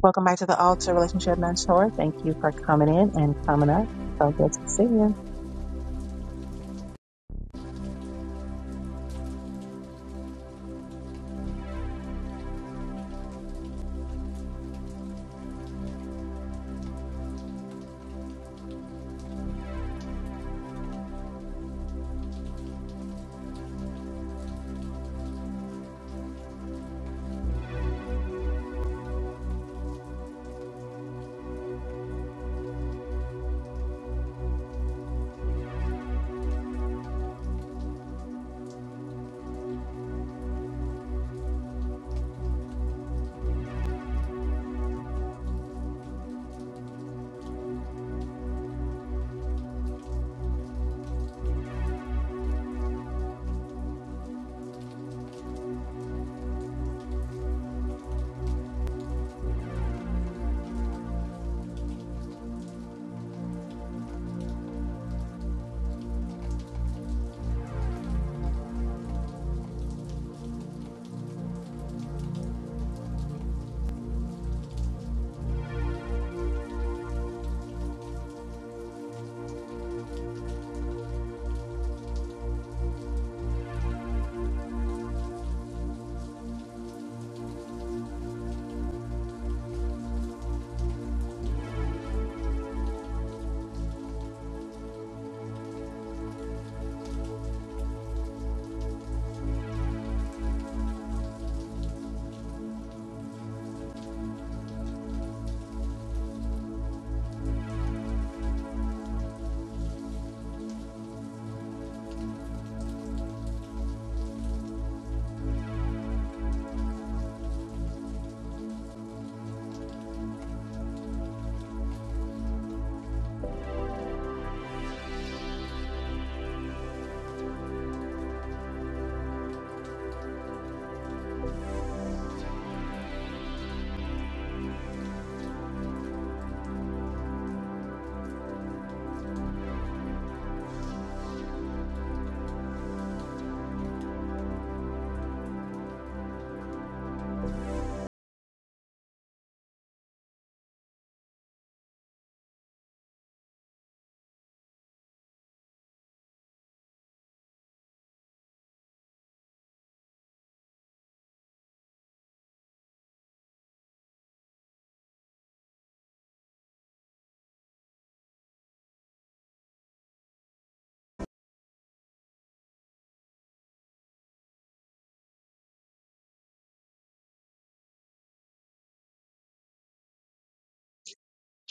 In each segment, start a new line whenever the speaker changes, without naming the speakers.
Welcome back to the Altar Relationship Mentor. Thank you for coming in and coming up. So good to see you.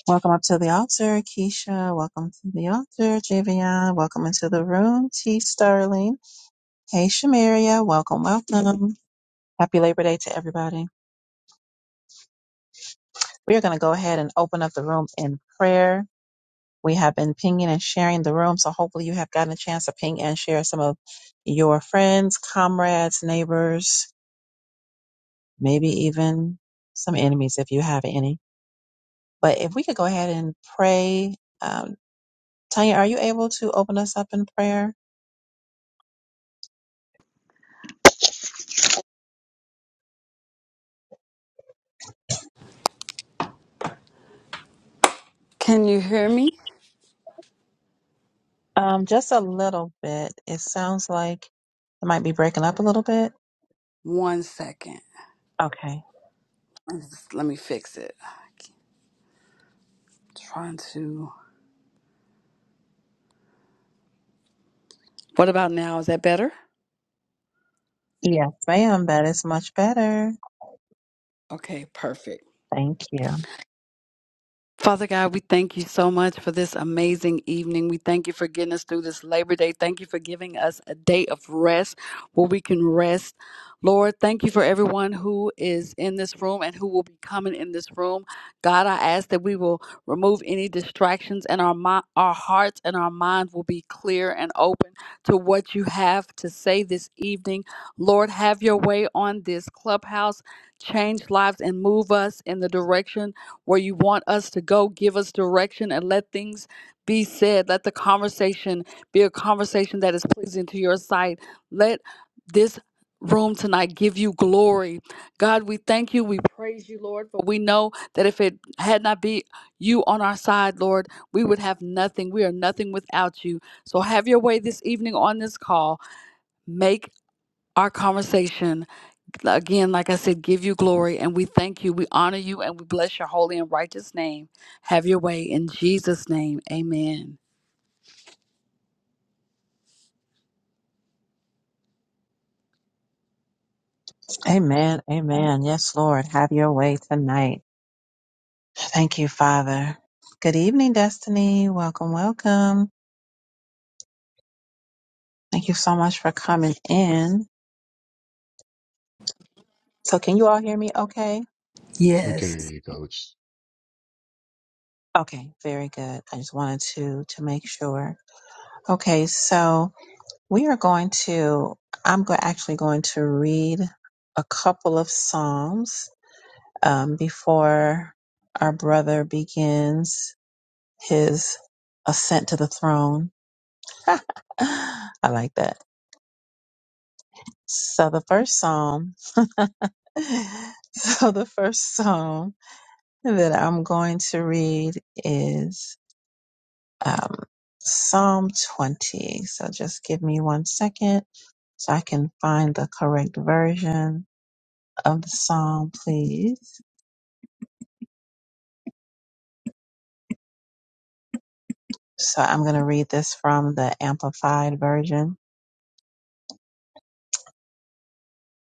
Welcome up to the altar, Keisha. Welcome to the altar, Javion. Welcome into the room, T. Sterling. Hey, Shamaria. Welcome, welcome. Happy Labor Day to everybody. We are going to go ahead and open up the room in prayer. We have been pinging and sharing the room, so hopefully you have gotten a chance to ping and share some of your friends, comrades, neighbors, maybe even some enemies if you have any But if we could go ahead and pray, um, Tanya, are you able to open us up in prayer?
Can you hear me?
Um, just a little bit. It sounds like it might be breaking up a little bit.
One second.
Okay.
Let me just- let me fix it. I keep trying to. What about now? Is that better?
Yes, ma'am. That is much better.
Okay, perfect.
Thank you.
Father God, we thank you so much for this amazing evening. We thank you for getting us through this Labor Day. Thank you for giving us a day of rest where we can rest. Lord, thank you for everyone who is in this room and who will be coming in this room. God, I ask that we will remove any distractions and our mi- our hearts and our minds will be clear and open to what you have to say this evening. Lord, have your way on this clubhouse. Change lives and move us in the direction where you want us to go. Give us direction and let things be said. Let the conversation be a conversation that is pleasing to your sight. Let this room tonight give you glory. God, we thank you. We pray for- we know that if it had not be you on our side, Lord, we would have nothing. We are nothing without you. So have your way this evening on this call. Make our conversation Again, like I said, give you glory and we thank you. We honor you and we bless your holy and righteous name. Have your way in Jesus' name. Amen.
Amen. Amen. Yes, Lord. Have your way tonight. Thank you, Father. Good evening, Destiny. Welcome, welcome. Thank you so much for coming in. So, can you all hear me okay?
We can
Yes.
hear you, coach.
Okay, very good. I just wanted to to make sure. Okay, so we are going to I'm go- actually going to read a couple of psalms um, before our brother begins his ascent to the throne. I like that. So the first psalm So the first psalm that I'm going to read is um, Psalm 20. So just give me one second so I can find the correct version of the psalm, please. So I'm going to read this from the Amplified Version.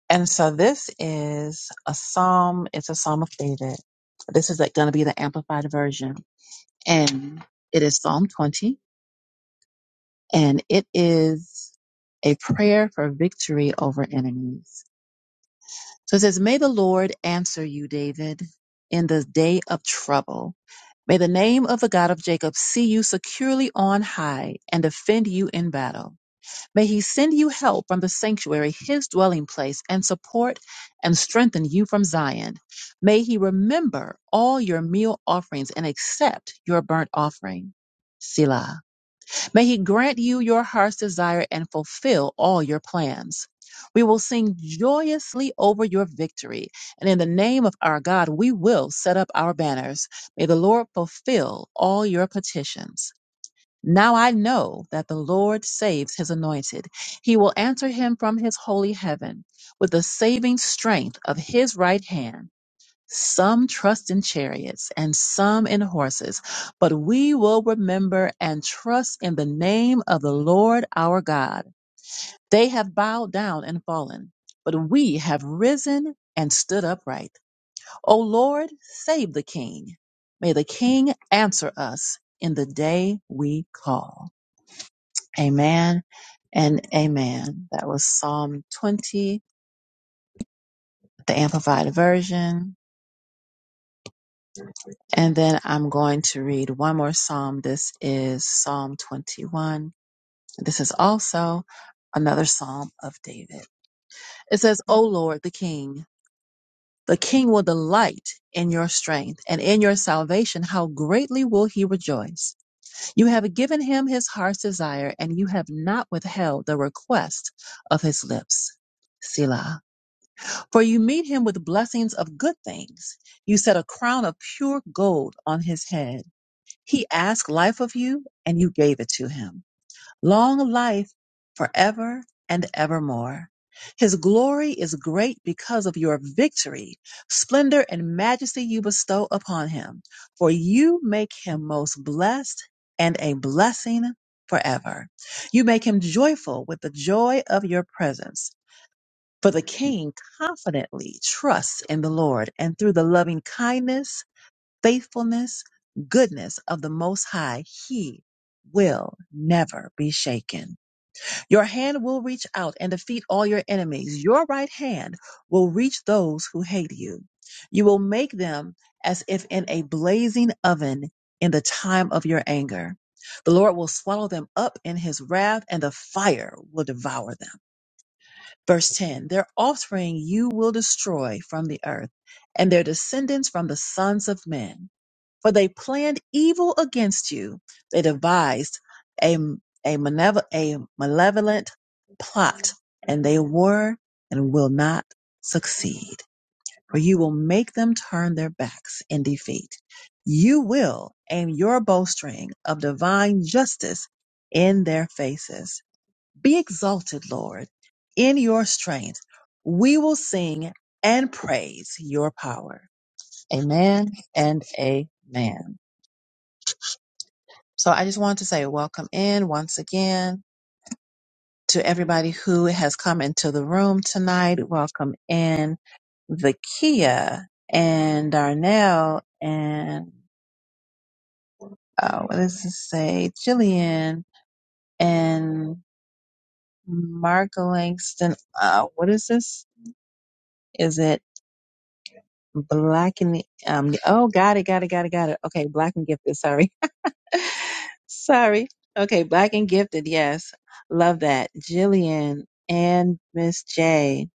And so this is a psalm, it's a psalm of David. This is like going to be the Amplified Version. And it is Psalm 20. and it is a prayer for victory over enemies. So it says, May the Lord answer you, David, in the day of trouble. May the name of the God of Jacob see you securely on high and defend you in battle. May he send you help from the sanctuary, his dwelling place, and support and strengthen you from Zion. May he remember all your meal offerings and accept your burnt offering. Selah. May He grant you your heart's desire and fulfill all your plans. We will sing joyously over your victory, and in the name of our God, we will set up our banners. May the Lord fulfill all your petitions. Now I know that the Lord saves his anointed. He will answer him from his holy heaven with the saving strength of his right hand. Some trust in chariots and some in horses, but we will remember and trust in the name of the Lord our God. They have bowed down and fallen, but we have risen and stood upright. O Lord, save the king. May the king answer us in the day we call. Amen and amen. That was Psalm 20, the Amplified Version. And then I'm going to read one more psalm. This is Psalm 21. This is also another psalm of David. It says, O Lord, the King, the King will delight in your strength and in your salvation. How greatly will he rejoice? You have given him his heart's desire, and you have not withheld the request of his lips. Selah. For you meet him with blessings of good things. You set a crown of pure gold on his head He asked life of you, and you gave it to him. Long life forever and evermore. His glory is great because of your victory. Splendor and majesty you bestow upon him, for you make him most blessed and a blessing forever. You make him joyful with the joy of your presence. For the king confidently trusts in the Lord, and through the loving kindness faithfulness, goodness of the Most High, He will never be shaken. Your hand will reach out and defeat all your enemies. Your right hand will reach those who hate you. You will make them as if in a blazing oven in the time of your anger. The Lord will swallow them up in his wrath, and the fire will devour them. Verse 10 Their offspring you will destroy from the earth, and their descendants from the sons of men for they planned evil against you. They devised a, a, manev- a malevolent plot, and they were and will not succeed. For you will make them turn their backs in defeat. You will aim your bowstring of divine justice in their faces. Be exalted, Lord, in your strength. We will sing and praise your power. Amen and amen. So I just wanted to say welcome in once again to everybody who has come into the room tonight. Welcome in Vakia and Darnell and uh, what does it say? Jillian and Mark Langston. Uh, what is this? Is it Black and the, um, oh, got it, got it, got it, got it. Okay, Black and Gifted. Sorry. Sorry. Okay, black and gifted. Yes, love that. Jillian and Miss J.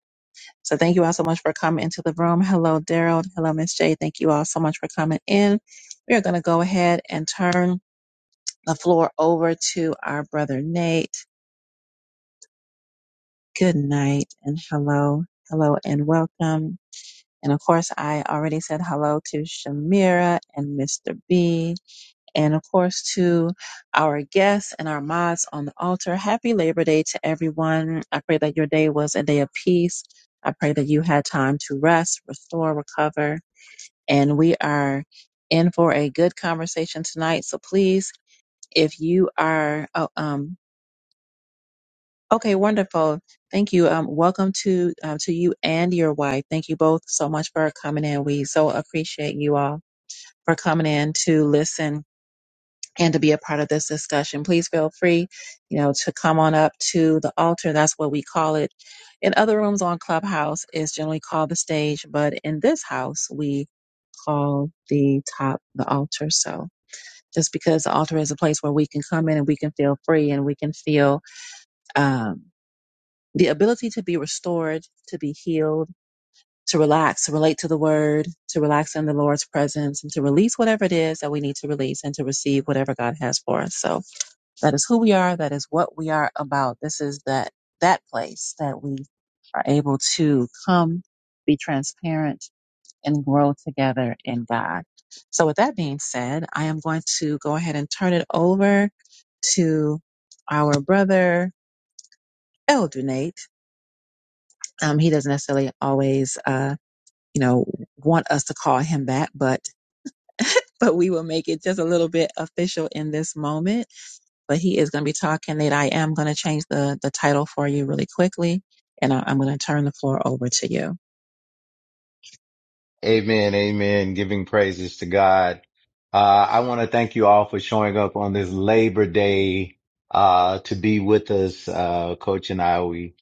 So thank you all so much for coming into the room. Hello, Daryl. Hello, Miss J. Thank you all so much for coming in. We are going to go ahead and turn the floor over to our brother Nate. Good night and hello, hello and welcome. And of course, I already said hello to Shamira and Mr. B. And of course, to our guests and our mods on the altar, happy Labor Day to everyone. I pray that your day was a day of peace. I pray that you had time to rest, restore, recover. And we are in for a good conversation tonight. So please, if you are, oh, um, okay, wonderful. Thank you. Um, welcome to uh, to you and your wife. Thank you both so much for coming in. We so appreciate you all for coming in to listen and to be a part of this discussion. Please feel free, you know, to come on up to the altar. That's what we call it. In other rooms on Clubhouse, it's generally called the stage, but in this house, we call the top the altar. So just because the altar is a place where we can come in and we can feel free and we can feel um, the ability to be restored, to be healed, to relax, to relate to the word, to relax in the Lord's presence, and to release whatever it is that we need to release and to receive whatever God has for us. So that is who we are. That is what we are about. This is that, that place that we are able to come, be transparent and grow together in God. So with that being said, I am going to go ahead and turn it over to our brother Elder Nate. Um, he doesn't necessarily always, uh, you know, want us to call him that, but but we will make it just a little bit official in this moment. But he is going to be talking that I am going to change the, the title for you really quickly. And I, I'm going to turn the floor over to you.
Amen. Amen. Giving praises to God. Uh, I want to thank you all for showing up on this Labor Day, uh, to be with us. Uh, coach and I, we,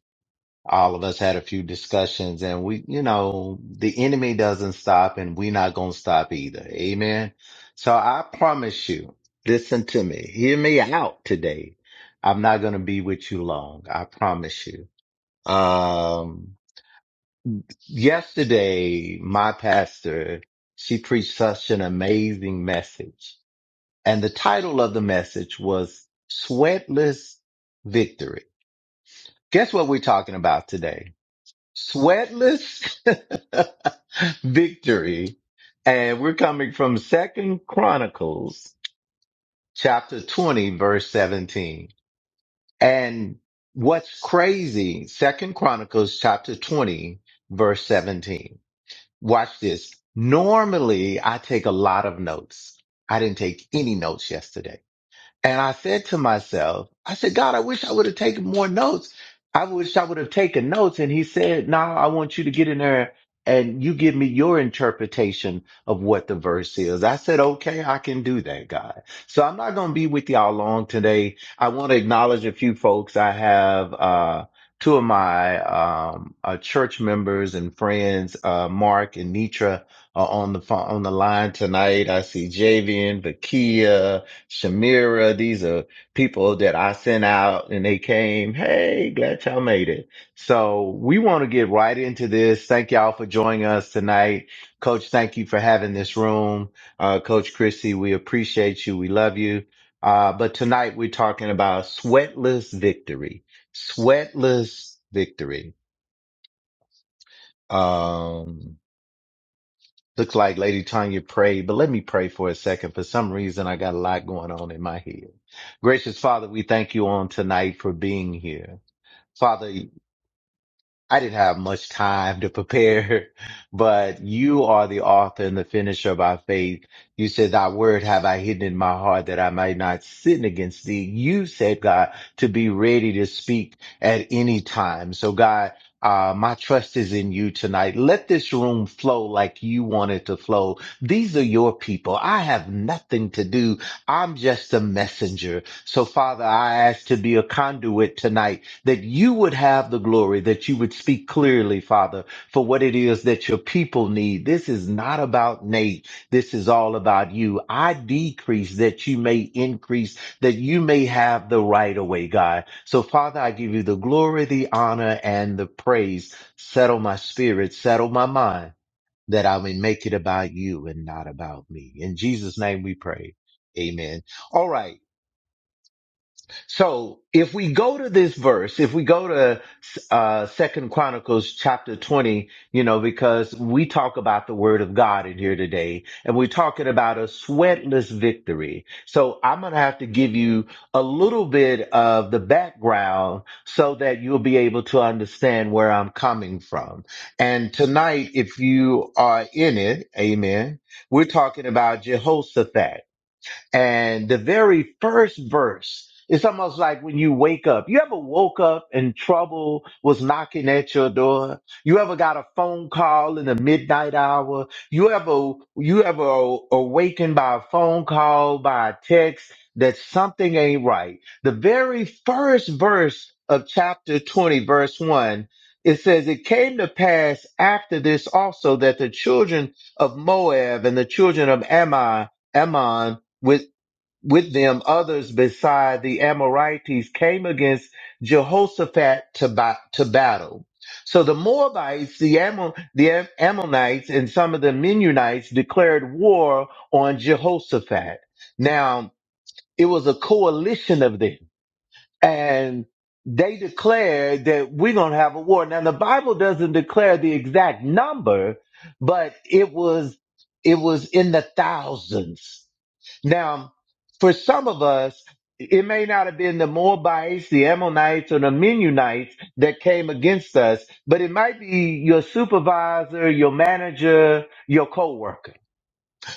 all of us had a few discussions and we, you know, the enemy doesn't stop and we're not going to stop either. Amen. So I promise you, listen to me. Hear me out today. I'm not going to be with you long. I promise you. Um, Yesterday, my pastor, she preached such an amazing message. And the title of the message was Sweatless Victory. Guess what we're talking about today? Sweatless victory. And we're coming from Second Chronicles chapter 20, verse 17. And what's crazy, Second Chronicles chapter 20, verse 17. Watch this. Normally I take a lot of notes. I didn't take any notes yesterday. And I said to myself, I said, God, I wish I would have taken more notes. I wish I would have taken notes. And he said, No, I want you to get in there and you give me your interpretation of what the verse is. I said, Okay, I can do that, God. So I'm not going to be with y'all long today. I want to acknowledge a few folks. I have, uh, Two of my um, uh, church members and friends, uh, Mark and Nitra, are on the phone, on the line tonight. I see Javian, Vakia, Shamira. These are people that I sent out and they came. Hey, glad y'all made it. So we want to get right into this. Thank y'all for joining us tonight. Coach, thank you for having this room. Uh, Coach Chrissy, we appreciate you. We love you. Uh, but tonight we're talking about sweatless victory. Sweatless victory. Um, Looks like Lady Tanya prayed, but let me pray for a second. For some reason, I got a lot going on in my head. Gracious Father, we thank you on tonight for being here. Father, I didn't have much time to prepare, but you are the author and the finisher of our faith. You said, Thy word have I hidden in my heart that I might not sin against thee. You said, God, to be ready to speak at any time. So, God, uh, my trust is in you tonight. Let this room flow like you want it to flow. These are your people. I have nothing to do. I'm just a messenger. So, Father, I ask to be a conduit tonight that you would have the glory, that you would speak clearly, Father, for what it is that your people need. This is not about Nate. This is all about you. I decrease that you may increase, that you may have the right of way, God. So, Father, I give you the glory, the honor, and the praise. Settle my spirit, settle my mind, that I may make it about you and not about me. In Jesus' name we pray. Amen. All right. So if we go to this verse, if we go to uh Second Chronicles chapter 20, you know, because we talk about the word of God in here today, and we're talking about a sweatless victory. So I'm gonna have to give you a little bit of the background so that you'll be able to understand where I'm coming from. And tonight, if you are in it, amen, we're talking about Jehoshaphat. And the very first verse, it's almost like when you wake up. You ever woke up and trouble was knocking at your door? You ever got a phone call in the midnight hour? You ever you ever awakened by a phone call, by a text that something ain't right? The very first verse of chapter 20, verse 1. It says, It came to pass after this also that the children of Moab and the children of Ammon, Ammon with with them others beside the Amorites came against Jehoshaphat to, ba- to battle. So the Moabites, the, Ammon- the Am- Ammonites, and some of the Mennonites declared war on Jehoshaphat. Now, it was a coalition of them, and they declared that we're going to have a war. Now, the Bible doesn't declare the exact number, but it was it was in the thousands now, for some of us, it may not have been the Moabites, the Ammonites, or the Mennonites that came against us, but it might be your supervisor, your manager, your coworker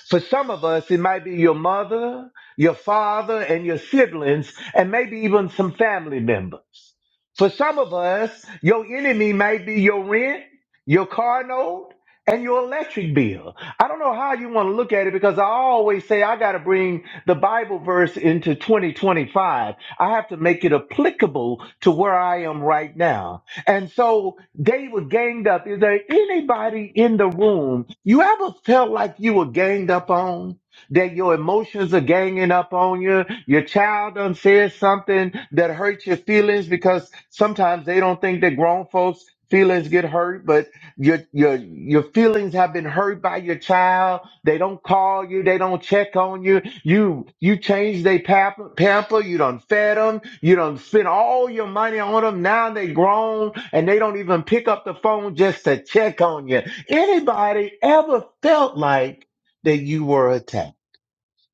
for some of us, it might be your mother, your father, and your siblings, and maybe even some family members. For some of us, your enemy might be your rent, your car note, and your electric bill. I don't know how you want to look at it because I always say I got to bring the Bible verse into 2025. I have to make it applicable to where I am right now. And so they were ganged up. Is there anybody in the room you ever felt like you were ganged up on? That your emotions are ganging up on you? Your child done said something that hurt your feelings because sometimes they don't think that grown folks feelings get hurt, but your your your feelings have been hurt by your child they don't call you. They don't check on you. You you change their pamper, pamper. You done fed them. You done spent all your money on them. Now they grown and they don't even pick up the phone just to check on you. Anybody ever felt like that you were attacked?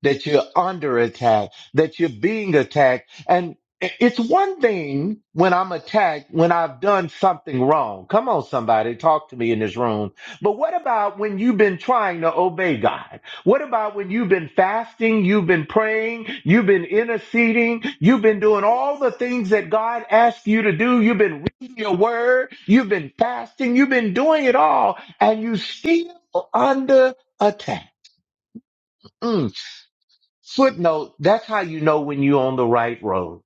that you're under attack, that you're being attacked. And it's one thing when I'm attacked, when I've done something wrong. Come on, somebody, talk to me in this room. But what about when you've been trying to obey God? What about when you've been fasting, you've been praying, you've been interceding, you've been doing all the things that God asked you to do? You've been reading your word, you've been fasting, you've been doing it all, and you still under attack. Mm. Footnote, that's how you know when you're on the right road.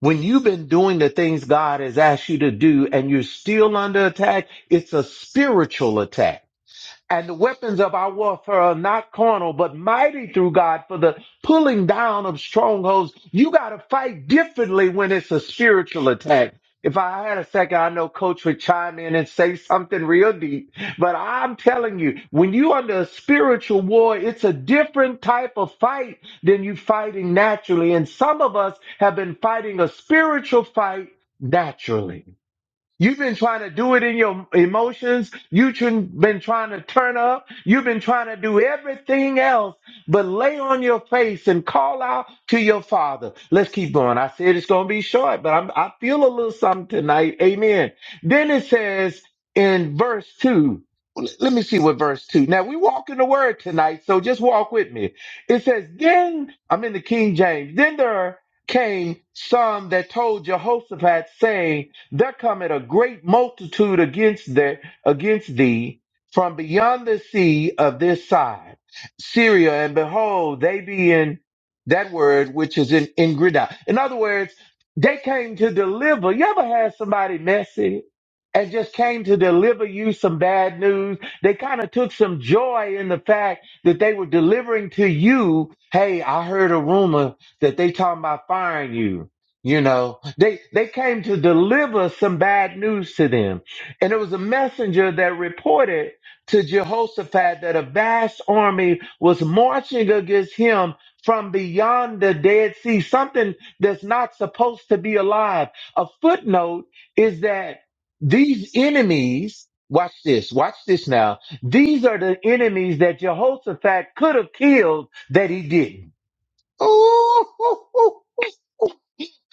When you've been doing the things God has asked you to do and you're still under attack, it's a spiritual attack. And the weapons of our warfare are not carnal, but mighty through God for the pulling down of strongholds. You got to fight differently when it's a spiritual attack. If I had a second, I know Coach would chime in and say something real deep. But I'm telling you, when you under a spiritual war, it's a different type of fight than you fighting naturally. And some of us have been fighting a spiritual fight naturally. You've been trying to do it in your emotions. You've tr- been trying to turn up. You've been trying to do everything else, but lay on your face and call out to your father. Let's keep going. I said it's going to be short, but I'm, I feel a little something tonight. Amen. Then it says in verse two, l- let me see what verse two. Now we walk in the word tonight, so just walk with me. It says, then I'm in the King James. Then there came some that told Jehoshaphat saying, there cometh a great multitude against the, against thee from beyond the sea of this side, Syria, and behold, they be in that word which is in, in Grida. In other words, they came to deliver. You ever had somebody messy and just came to deliver you some bad news? They kind of took some joy in the fact that they were delivering to you, hey, I heard a rumor that they talking about firing you you know, they they came to deliver some bad news to them. And it was a messenger that reported to Jehoshaphat that a vast army was marching against him from beyond the Dead Sea, something that's not supposed to be alive. A footnote is that these enemies, watch this, watch this now. These are the enemies that Jehoshaphat could have killed that he didn't.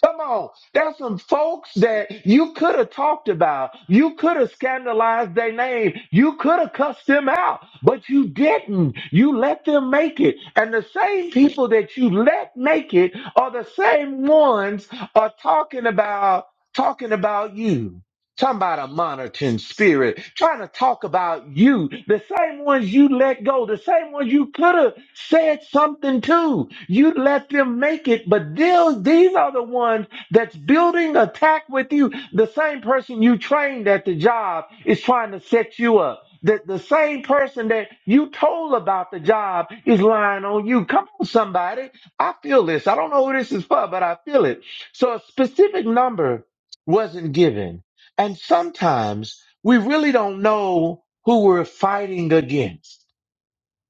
Come on. There's some folks that you could have talked about. You could have scandalized their name. You could have cussed them out, but you didn't. You let them make it. And the same people that you let make it are the same ones are talking about talking about you. Talking about a monitoring spirit, trying to talk about you, the same ones you let go, the same ones you could have said something to. You let them make it, but these, these are the ones that's building attack with you. The same person you trained at the job is trying to set you up. The, the same person that you told about the job is lying on you. Come on, somebody. I feel this. I don't know who this is for, but I feel it. So a specific number wasn't given and sometimes we really don't know who we're fighting against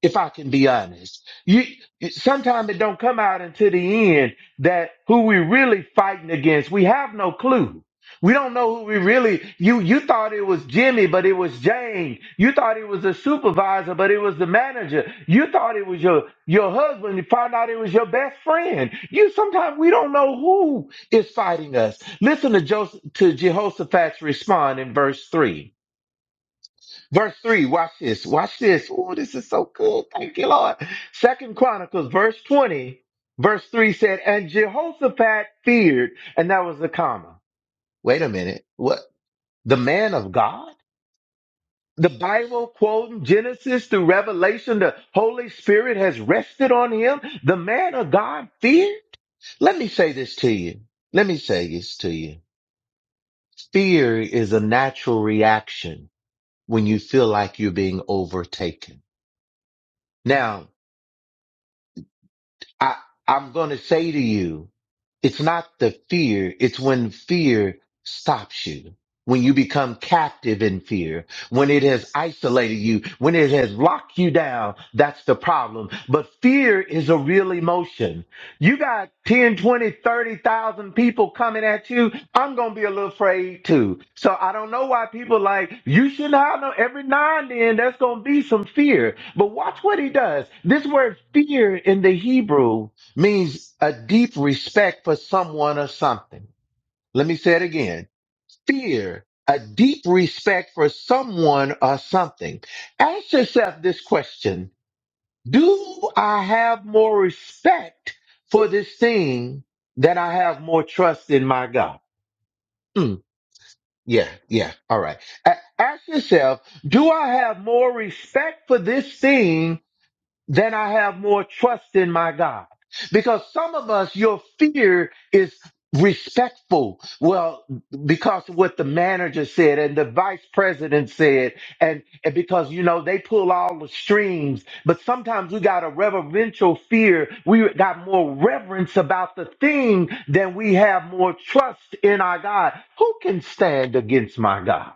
if I can be honest. You sometimes it don't come out until the end that who we really fighting against. We have no clue. We don't know who we really you you thought it was Jimmy, but it was Jane. You thought it was the supervisor, but it was the manager. You thought it was your your husband. You found out it was your best friend. You sometimes we don't know who is fighting us. Listen to Joseph to Jehoshaphat's respond in verse three. Verse 3, watch this. Watch this. Oh, this is so good. Thank you, Lord. Second Chronicles, verse 20, verse 3 said, And Jehoshaphat feared, and that was the comma. Wait a minute. What? The man of God? The Bible quoting Genesis through Revelation, the Holy Spirit has rested on him. The man of God feared? Let me say this to you. Let me say this to you. Fear is a natural reaction when you feel like you're being overtaken. Now, I, I'm going to say to you, it's not the fear. It's when fear stops you, when you become captive in fear, when it has isolated you, when it has locked you down. That's the problem. But fear is a real emotion. You got 10, 20, 30,000 people coming at you. I'm going to be a little afraid too. So I don't know why people like, you shouldn't have no, every now and then there's going to be some fear. But watch what he does. This word fear in the Hebrew means a deep respect for someone or something. Let me say it again. Fear, a deep respect for someone or something. Ask yourself this question. Do I have more respect for this thing than I have more trust in my God? Mm, yeah, yeah. All right. A- ask yourself, do I have more respect for this thing then I have more trust in my God. Because some of us, your fear is respectful. Well, because of what the manager said and the vice president said, and, and because, you know, they pull all the strings, but sometimes we got a reverential fear. We got more reverence about the thing than we have more trust in our God. Who can stand against my God?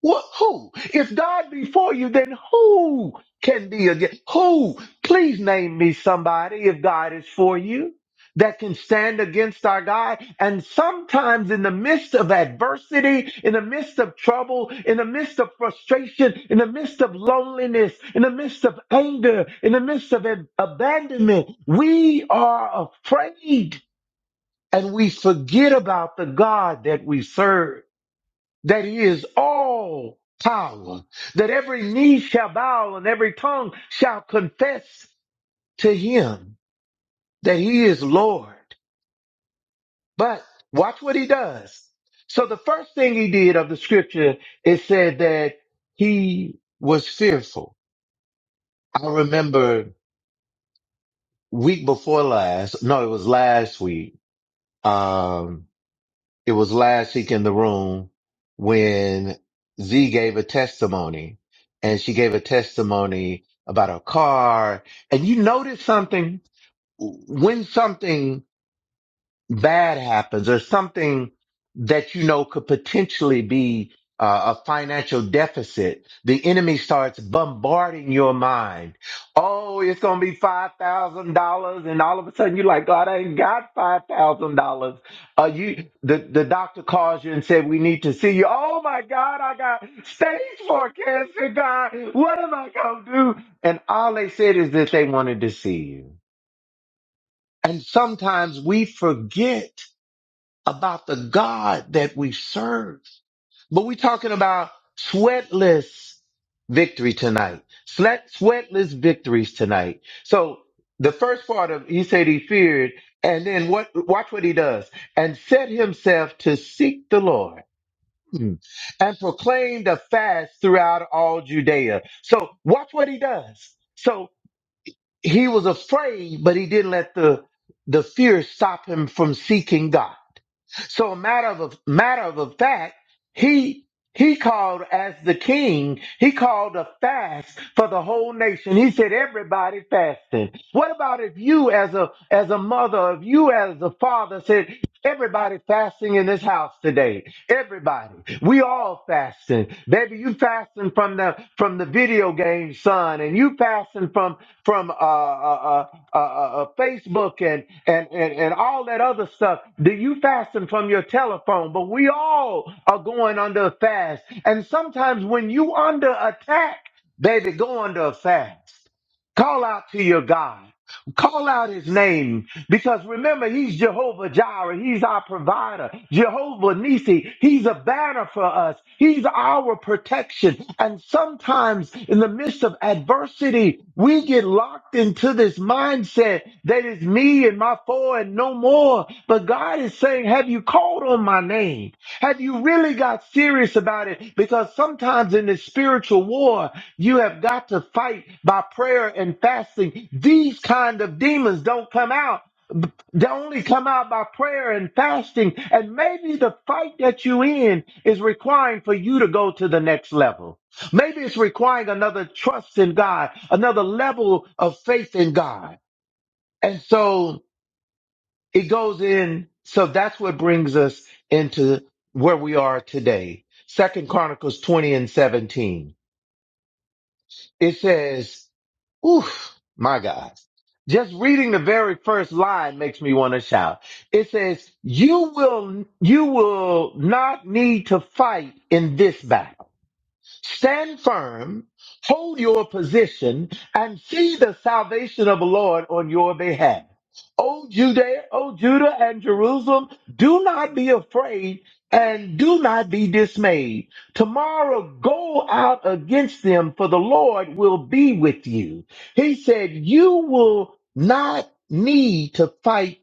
What? Who? If God be for you, then who can be against? Who? Please name me somebody if God is for you that can stand against our God. And sometimes in the midst of adversity, in the midst of trouble, in the midst of frustration, in the midst of loneliness, in the midst of anger, in the midst of ab- abandonment, we are afraid and we forget about the God that we serve that he is all power, that every knee shall bow and every tongue shall confess to him that he is Lord. But watch what he does. So the first thing he did of the scripture, it said that he was fearful. I remember week before last, no, it was last week. Um, it was last week in the room when Z gave a testimony and she gave a testimony about her car. And you noticed something when something bad happens or something that you know could potentially be uh, a financial deficit, the enemy starts bombarding your mind. Oh, it's going to be $5,000. And all of a sudden you're like, God, I ain't got $5,000. Uh, you, the, the doctor calls you and said, we need to see you. Oh my God, I got stage four cancer, God. What am I going to do? And all they said is that they wanted to see you. And sometimes we forget about the God that we serve. But we're talking about sweatless victory tonight. Sweat, sweatless victories tonight. So the first part of he said he feared, and then what? Watch what he does, and set himself to seek the Lord. Hmm. And proclaimed a fast throughout all Judea. So watch what he does. So he was afraid, but he didn't let the the fear stop him from seeking God. So a matter of a matter of a fact, he he called as the king. He called a fast for the whole nation. He said everybody fasting. What about if you as a as a mother, if you as a father said everybody fasting in this house today? Everybody. We all fasting. Baby, you fasting from the from the video game, son, and you fasting from from uh, uh, uh, uh, uh, uh, Facebook and, and, and, and all that other stuff. Do you fasten from your telephone? But we all are going under a fast. And sometimes when you under attack, baby, go under a fast. Call out to your God. Call out his name. Because remember, he's Jehovah Jireh. He's our provider. Jehovah Nisi. He's a banner for us. He's our protection. And sometimes in the midst of adversity, we get locked into this mindset that is me and my four and no more. But God is saying, have you called on my name? Have you really got serious about it? Because sometimes in this spiritual war, you have got to fight by prayer and fasting. These kind of demons don't come out they only come out by prayer and fasting. And maybe the fight that you in is requiring for you to go to the next level. Maybe it's requiring another trust in God, another level of faith in God. And so it goes in. So that's what brings us into where we are today. Second Chronicles 20 and 17. It says, oof, my God. Just reading the very first line makes me want to shout. It says, you will, you will not need to fight in this battle. Stand firm, hold your position, and see the salvation of the Lord on your behalf. O Judea, O Judah and Jerusalem, do not be afraid and do not be dismayed. Tomorrow go out against them, for the Lord will be with you. He said, You will not need to fight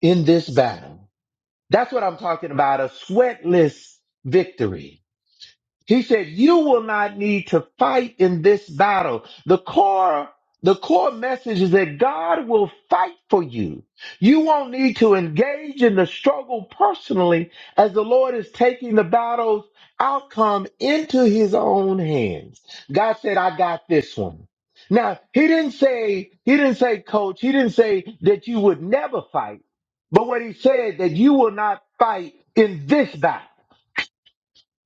in this battle. That's what I'm talking about a sweatless victory. He said, You will not need to fight in this battle. The core, the core message is that God will fight for you. You won't need to engage in the struggle personally as the Lord is taking the battle's outcome into his own hands. God said, I got this one. Now, he didn't say, he didn't say, coach, he didn't say that you would never fight, but what he said that you will not fight in this battle.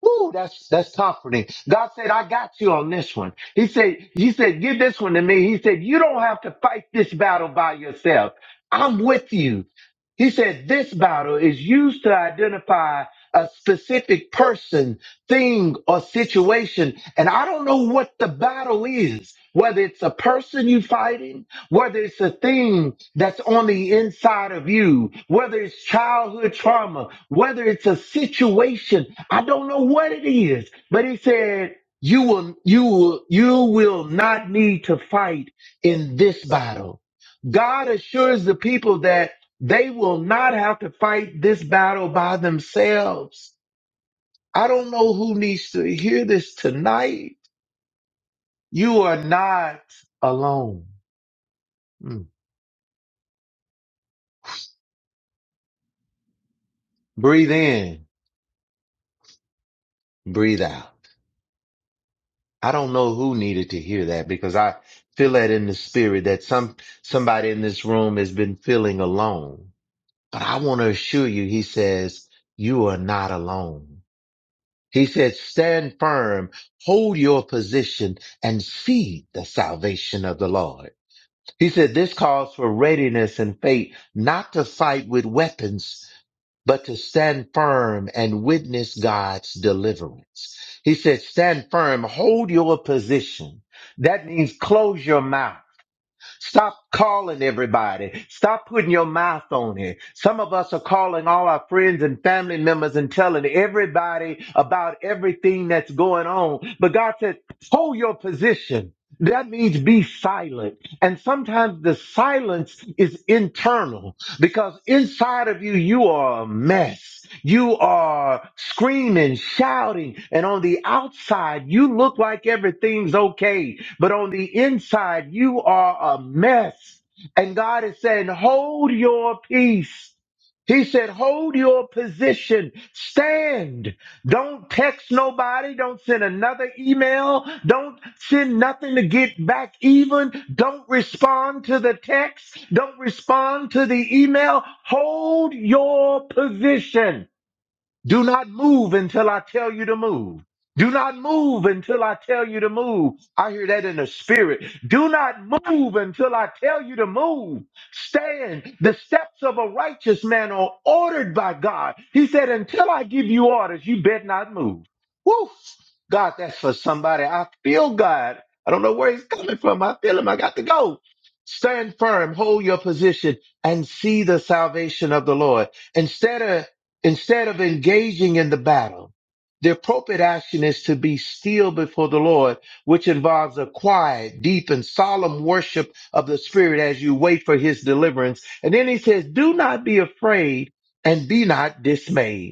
Woo, that's that's comforting. God said, I got you on this one. He said, He said, give this one to me. He said, You don't have to fight this battle by yourself. I'm with you. He said, This battle is used to identify a specific person, thing, or situation. And I don't know what the battle is, whether it's a person you fighting, whether it's a thing that's on the inside of you, whether it's childhood trauma, whether it's a situation, I don't know what it is, but he said, you will, you will, you will not need to fight in this battle. God assures the people that they will not have to fight this battle by themselves. I don't know who needs to hear this tonight. You are not alone. Mm. Breathe in breathe out. I don't know who needed to hear that because I feel that in the spirit that some, somebody in this room has been feeling alone. But I want to assure you, he says, you are not alone. He says, stand firm, hold your position and see the salvation of the Lord. He said, this calls for readiness and faith, not to fight with weapons but to stand firm and witness God's deliverance. He said, stand firm, hold your position. That means close your mouth. Stop calling everybody. Stop putting your mouth on it. Some of us are calling all our friends and family members and telling everybody about everything that's going on. But God said, hold your position. That means be silent. And sometimes the silence is internal because inside of you, you are a mess. You are screaming, shouting, and on the outside, you look like everything's okay but on the inside, you are a mess. And God is saying, hold your peace. He said, hold your position, stand. Don't text nobody. Don't send another email. Don't send nothing to get back even. Don't respond to the text. Don't respond to the email. Hold your position. Do not move until I tell you to move. Do not move until I tell you to move. I hear that in the spirit. Do not move until I tell you to move. Stand. The steps of a righteous man are ordered by God. He said, until I give you orders, you bet not move. Woo! God, that's for somebody. I feel God. I don't know where he's coming from. I feel him. I got to go. Stand firm, hold your position, and see the salvation of the Lord. Instead of Instead of engaging in the battle, the appropriate action is to be still before the Lord, which involves a quiet, deep, and solemn worship of the Spirit as you wait for his deliverance. And then he says, Do not be afraid and be not dismayed.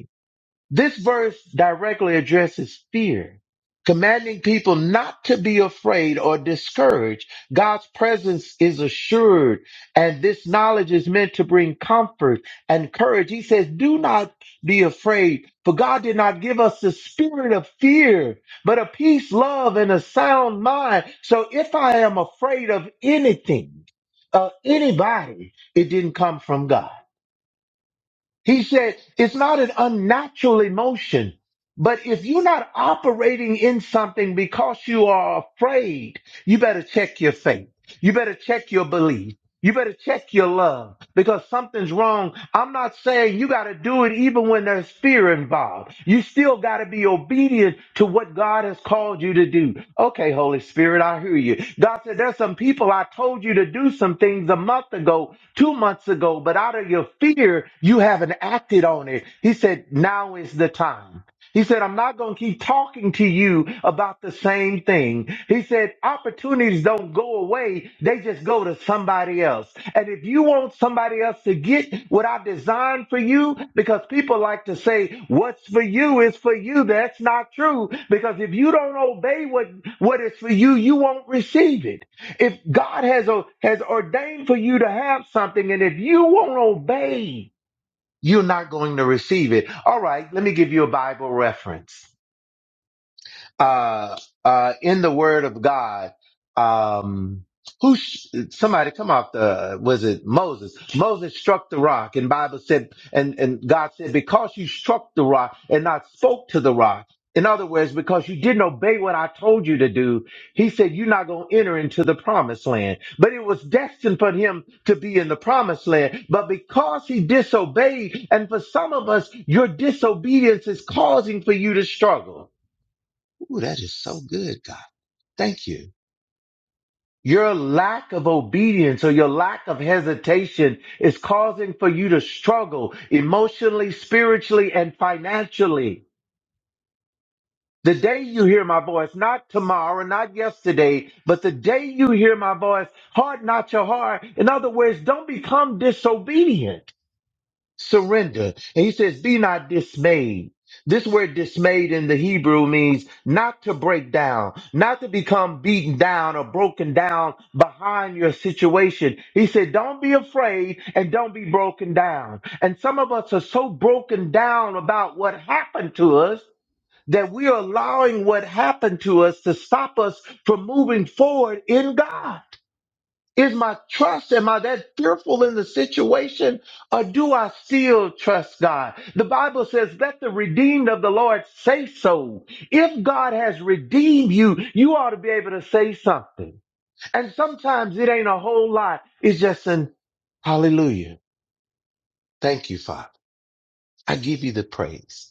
This verse directly addresses fear, commanding people not to be afraid or discouraged. God's presence is assured, and this knowledge is meant to bring comfort and courage. He says, Do not be afraid, for God did not give us the spirit of fear, but a peace, love, and a sound mind. So if I am afraid of anything, uh, anybody, it didn't come from God. He said it's not an unnatural emotion, but if you're not operating in something because you are afraid, you better check your faith. You better check your belief. You better check your love because something's wrong. I'm not saying you got to do it even when there's fear involved. You still got to be obedient to what God has called you to do. Okay, Holy Spirit, I hear you. God said, There's some people I told you to do some things a month ago two months ago, but out of your fear, you haven't acted on it. He said, now is the time. He said, I'm not going to keep talking to you about the same thing. He said, opportunities don't go away. They just go to somebody else. And if you want somebody else to get what I designed for you, because people like to say, what's for you is for you. That's not true. Because if you don't obey what, what is for you, you won't receive it. If God has has ordained for you to have something, and if you won't obey, you're not going to receive it. All right, let me give you a Bible reference uh, uh, in the Word of God. Um, who sh- somebody come off the was it Moses? Moses struck the rock, and Bible said, and and God said, because you struck the rock and not spoke to the rock. In other words, because you didn't obey what I told you to do, he said, You're not going to enter into the promised land. But it was destined for him to be in the promised land. But because he disobeyed, and for some of us, your disobedience is causing for you to struggle. Ooh, that is so good, God. Thank you. Your lack of obedience or your lack of hesitation is causing for you to struggle emotionally, spiritually, and financially. The day you hear my voice, not tomorrow, not yesterday, but the day you hear my voice, harden not your heart. In other words, don't become disobedient. surrender. And he says, Be not dismayed. This word dismayed in the Hebrew means not to break down, not to become beaten down or broken down behind your situation. He said, Don't be afraid and don't be broken down. And some of us are so broken down about what happened to us that we are allowing what happened to us to stop us from moving forward in God. Is my trust, am I that fearful in the situation, or do I still trust God? The Bible says, Let the redeemed of the Lord say so. If God has redeemed you, you ought to be able to say something. And sometimes it ain't a whole lot, it's just an hallelujah. Thank you, Father. I give you the praise.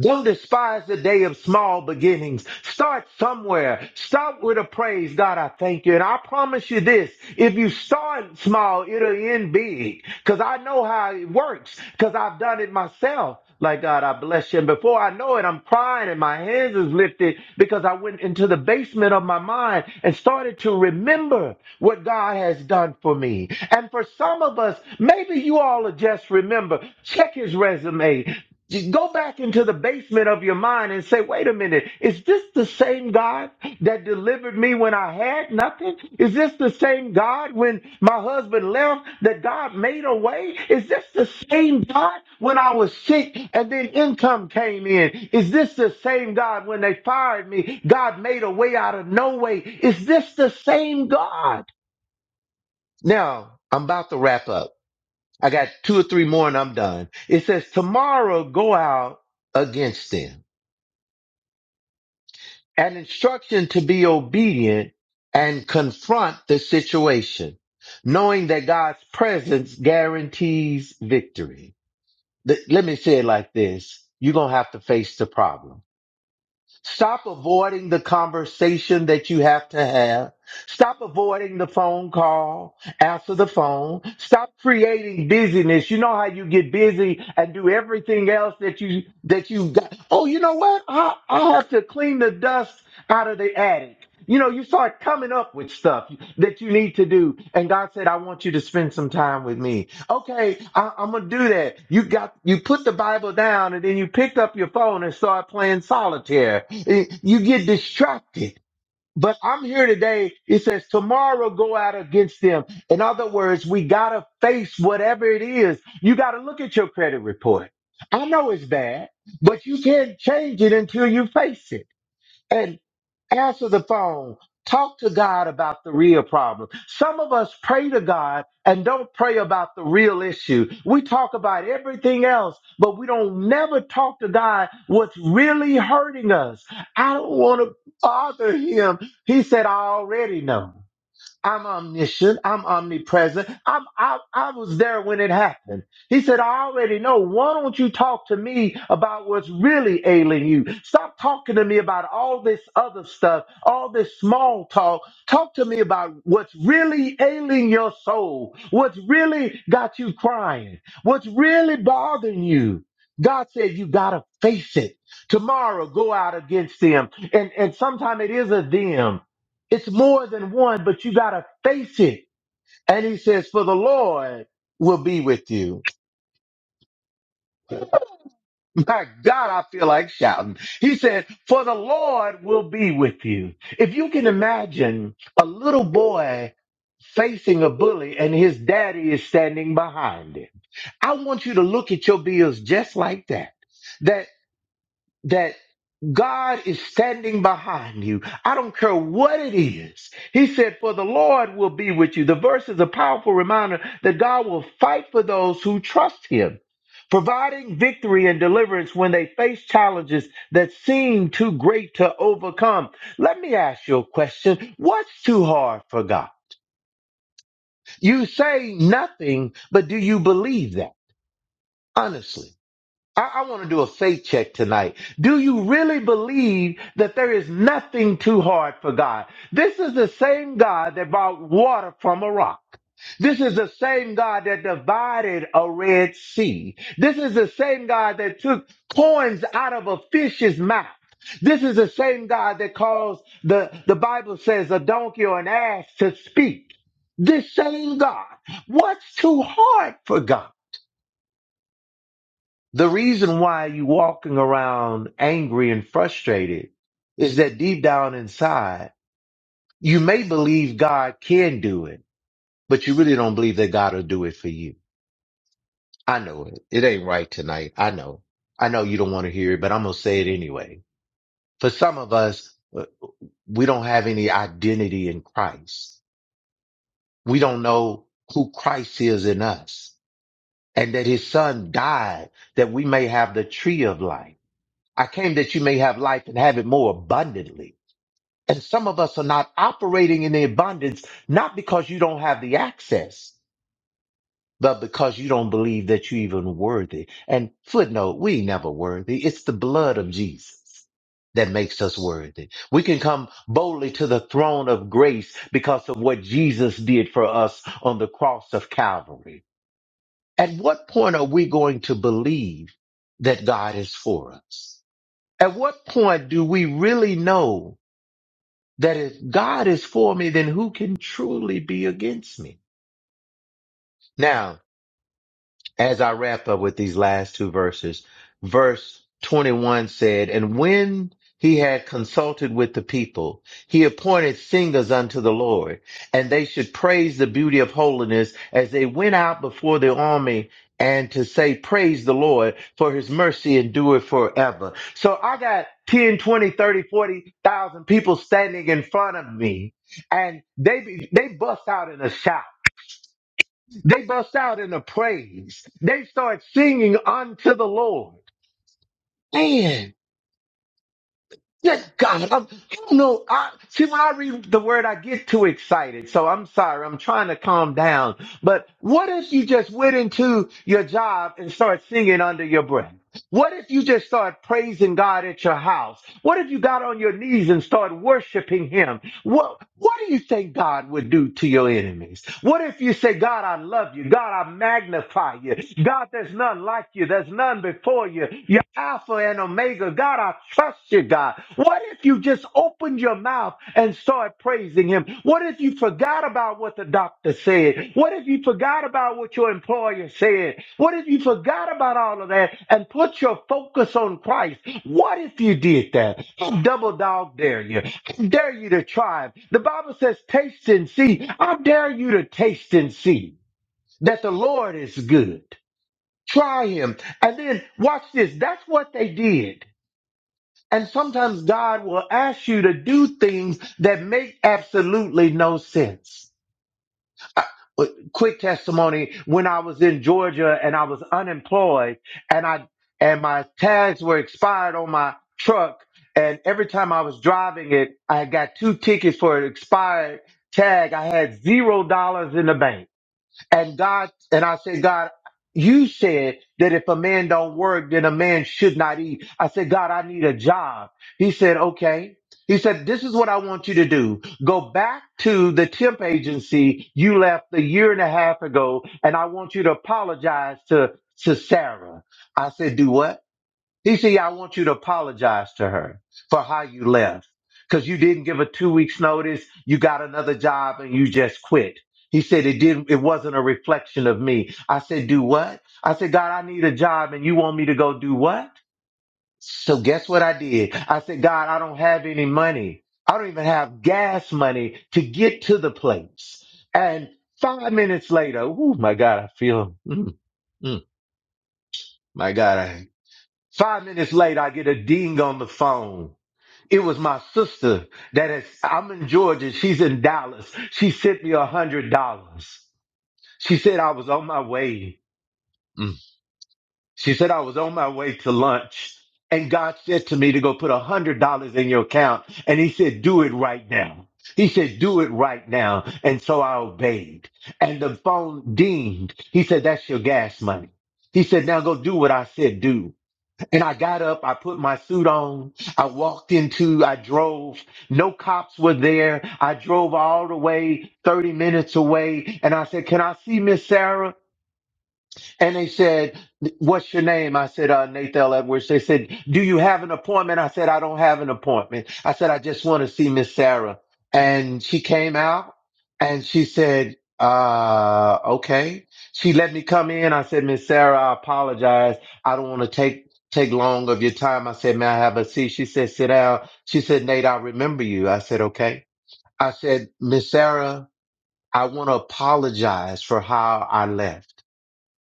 Don't despise the day of small beginnings. Start somewhere. Start with a praise. God, I thank you. And I promise you this, if you start small, it'll end big. Cause I know how it works. Cause I've done it myself. Like God, I bless you. And before I know it, I'm crying and my hands is lifted because I went into the basement of my mind and started to remember what God has done for me. And for some of us, maybe you all will just remember, check his resume, just Go back into the basement of your mind and say, wait a minute, is this the same God that delivered me when I had nothing? Is this the same God when my husband left that God made a way? Is this the same God when I was sick and then income came in? Is this the same God when they fired me? God made a way out of no way. Is this the same God? Now, I'm about to wrap up. I got two or three more and I'm done. It says, Tomorrow go out against them. An instruction to be obedient and confront the situation, knowing that God's presence guarantees victory. Th- Let me say it like this. You're going to have to face the problem Stop avoiding the conversation that you have to have. Stop avoiding the phone call. Answer the phone. Stop creating busyness. You know how you get busy and do everything else that you that you got. Oh, you know what? I I have to clean the dust out of the attic. You know, you start coming up with stuff that you need to do. And God said, I want you to spend some time with me. Okay, I, I'm gonna do that. You got you put the Bible down and then you picked up your phone and start playing solitaire. Eh, You get distracted. But I'm here today. It says tomorrow go out against them. In other words, we gotta face whatever it is. You gotta look at your credit report. I know it's bad, but you can't change it until you face it answer the phone talk to god about the real problem some of us pray to god and don't pray about the real issue we talk about everything else but we don't never talk to god what's really hurting us i don't want to bother him he said i already know I'm omniscient. I'm omnipresent. I'm, I, I was there when it happened. He said, I already know. Why don't you talk to me about what's really ailing you? Stop talking to me about all this other stuff, all this small talk. Talk to me about what's really ailing your soul, what's really got you crying, what's really bothering you. God said, you got to face it. Tomorrow, go out against them. And, and sometimes it is a them. It's more than one, but you got to face it. And he says, For the Lord will be with you. My God, I feel like shouting. He said, For the Lord will be with you. If you can imagine a little boy facing a bully and his daddy is standing behind him, I want you to look at your bills just like that. That, that, God is standing behind you. I don't care what it is. He said, For the Lord will be with you. The verse is a powerful reminder that God will fight for those who trust Him, providing victory and deliverance when they face challenges that seem too great to overcome. Let me ask you a question What's too hard for God? You say nothing, but do you believe that? Honestly. I, I want to do a faith check tonight. Do you really believe that there is nothing too hard for God? This is the same God that brought water from a rock. This is the same God that divided a Red Sea. This is the same God that took coins out of a fish's mouth. This is the same God that caused the, the Bible says a donkey or an ass to speak. This same God. What's too hard for God? The reason why you walking around angry and frustrated is that deep down inside, you may believe God can do it, but you really don't believe that God will do it for you. I know it. It ain't right tonight. I know. I know you don't want to hear it, but I'm going to say it anyway. For some of us, uh, we don't have any identity in Christ. We don't know who Christ is in us and that his son died that we may have the tree of life I came that you may have life and have it more abundantly. And some of us are not operating in the abundance, not because you don't have the access, but because you don't believe that you're even worthy. And footnote, we ain't never worthy. It's the blood of Jesus that makes us worthy. We can come boldly to the throne of grace because of what Jesus did for us on the cross of Calvary. At what point are we going to believe that God is for us? At what point do we really know that if God is for me, then who can truly be against me? Now, as I wrap up with these last two verses, verse 21 said, And when he had consulted with the people, he appointed singers unto the Lord, and they should praise the beauty of holiness as they went out before the army and to say, Praise the Lord, for his mercy endureth forever. So I got 10, 20, 30, 40,000 people standing in front of me, and they, they bust out in a shout. They bust out in a praise. They start singing unto the Lord. Man, yes, God, I'm, I don't know. I, see, when I read the word, I get too excited. So I'm sorry. I'm trying to calm down. But what if you just went into your job and start singing under your breath? What if you just start praising God at your house? What if you got on your knees and start worshiping Him? What what do you think God would do to your enemies? What if you say, God, I love you, God, I magnify you, God, there's none like you, there's none before you, you're Alpha and Omega, God, I trust you, God. What if you just opened your mouth and started praising Him? What if you forgot about what the doctor said? What if you forgot about what your employer said? What if you forgot about all of that and put your focus on Christ? What if you did that? I double dog dare you dare you to try. it. The Bible says, taste and see. I dare you to taste and see that the Lord is good. Try him. And then watch this. That's what they did. And sometimes God will ask you to do things that make absolutely no sense. Uh, Quick testimony: When I was in Georgia and I was unemployed, and I and my tags were expired on my truck, and every time I was driving it, I got two tickets for an expired tag. I had zero dollars in the bank and God, and I said, God, you said that if a man don't work, then a man should not eat. I said, God, I need a job. He said, okay. He said, this is what I want you to do. Go back to the temp agency you left a year and a half ago, and I want you to apologize to, to Sarah. I said, do what? He said, "Yeah, I want you to apologize to her for how you left because you didn't give a two weeks notice. You got another job and you just quit. He said, it didn't, it wasn't a reflection of me. I said, do what? I said, God, I need a job and you want me to go do what? So guess what I did? I said, God, I don't have any money. I don't even have gas money to get to the place. And five minutes later, oh my God, I feel, mm, mm, my God, Five minutes later, I get a ding on the phone. It was my sister that is, I'm in Georgia. She's in Dallas. She sent me a hundred dollars. She said I was on my way. Mm. She said I was on my way to lunch. And God said to me to go put a hundred dollars in your account. And he said, do it right now. He said, do it right now. And so I obeyed. And the phone dinged. He said, that's your gas money. He said, now go do what I said do. And I got up, I put my suit on, I walked into, I drove. No cops were there. I drove all the way 30 minutes away. And I said, Can I see Miss Sarah? And they said, What's your name? I said, uh, Nathal Edwards. They said, Do you have an appointment? I said, I don't have an appointment. I said, I just want to see Miss Sarah. And she came out and she said, uh, okay. She let me come in. I said, Miss Sarah, I apologize. I don't want to take take long of your time. I said, May I have a seat? She said, Sit down. She said, Nate, I remember you. I said, Okay. I said, Miss Sarah, I want to apologize for how I left.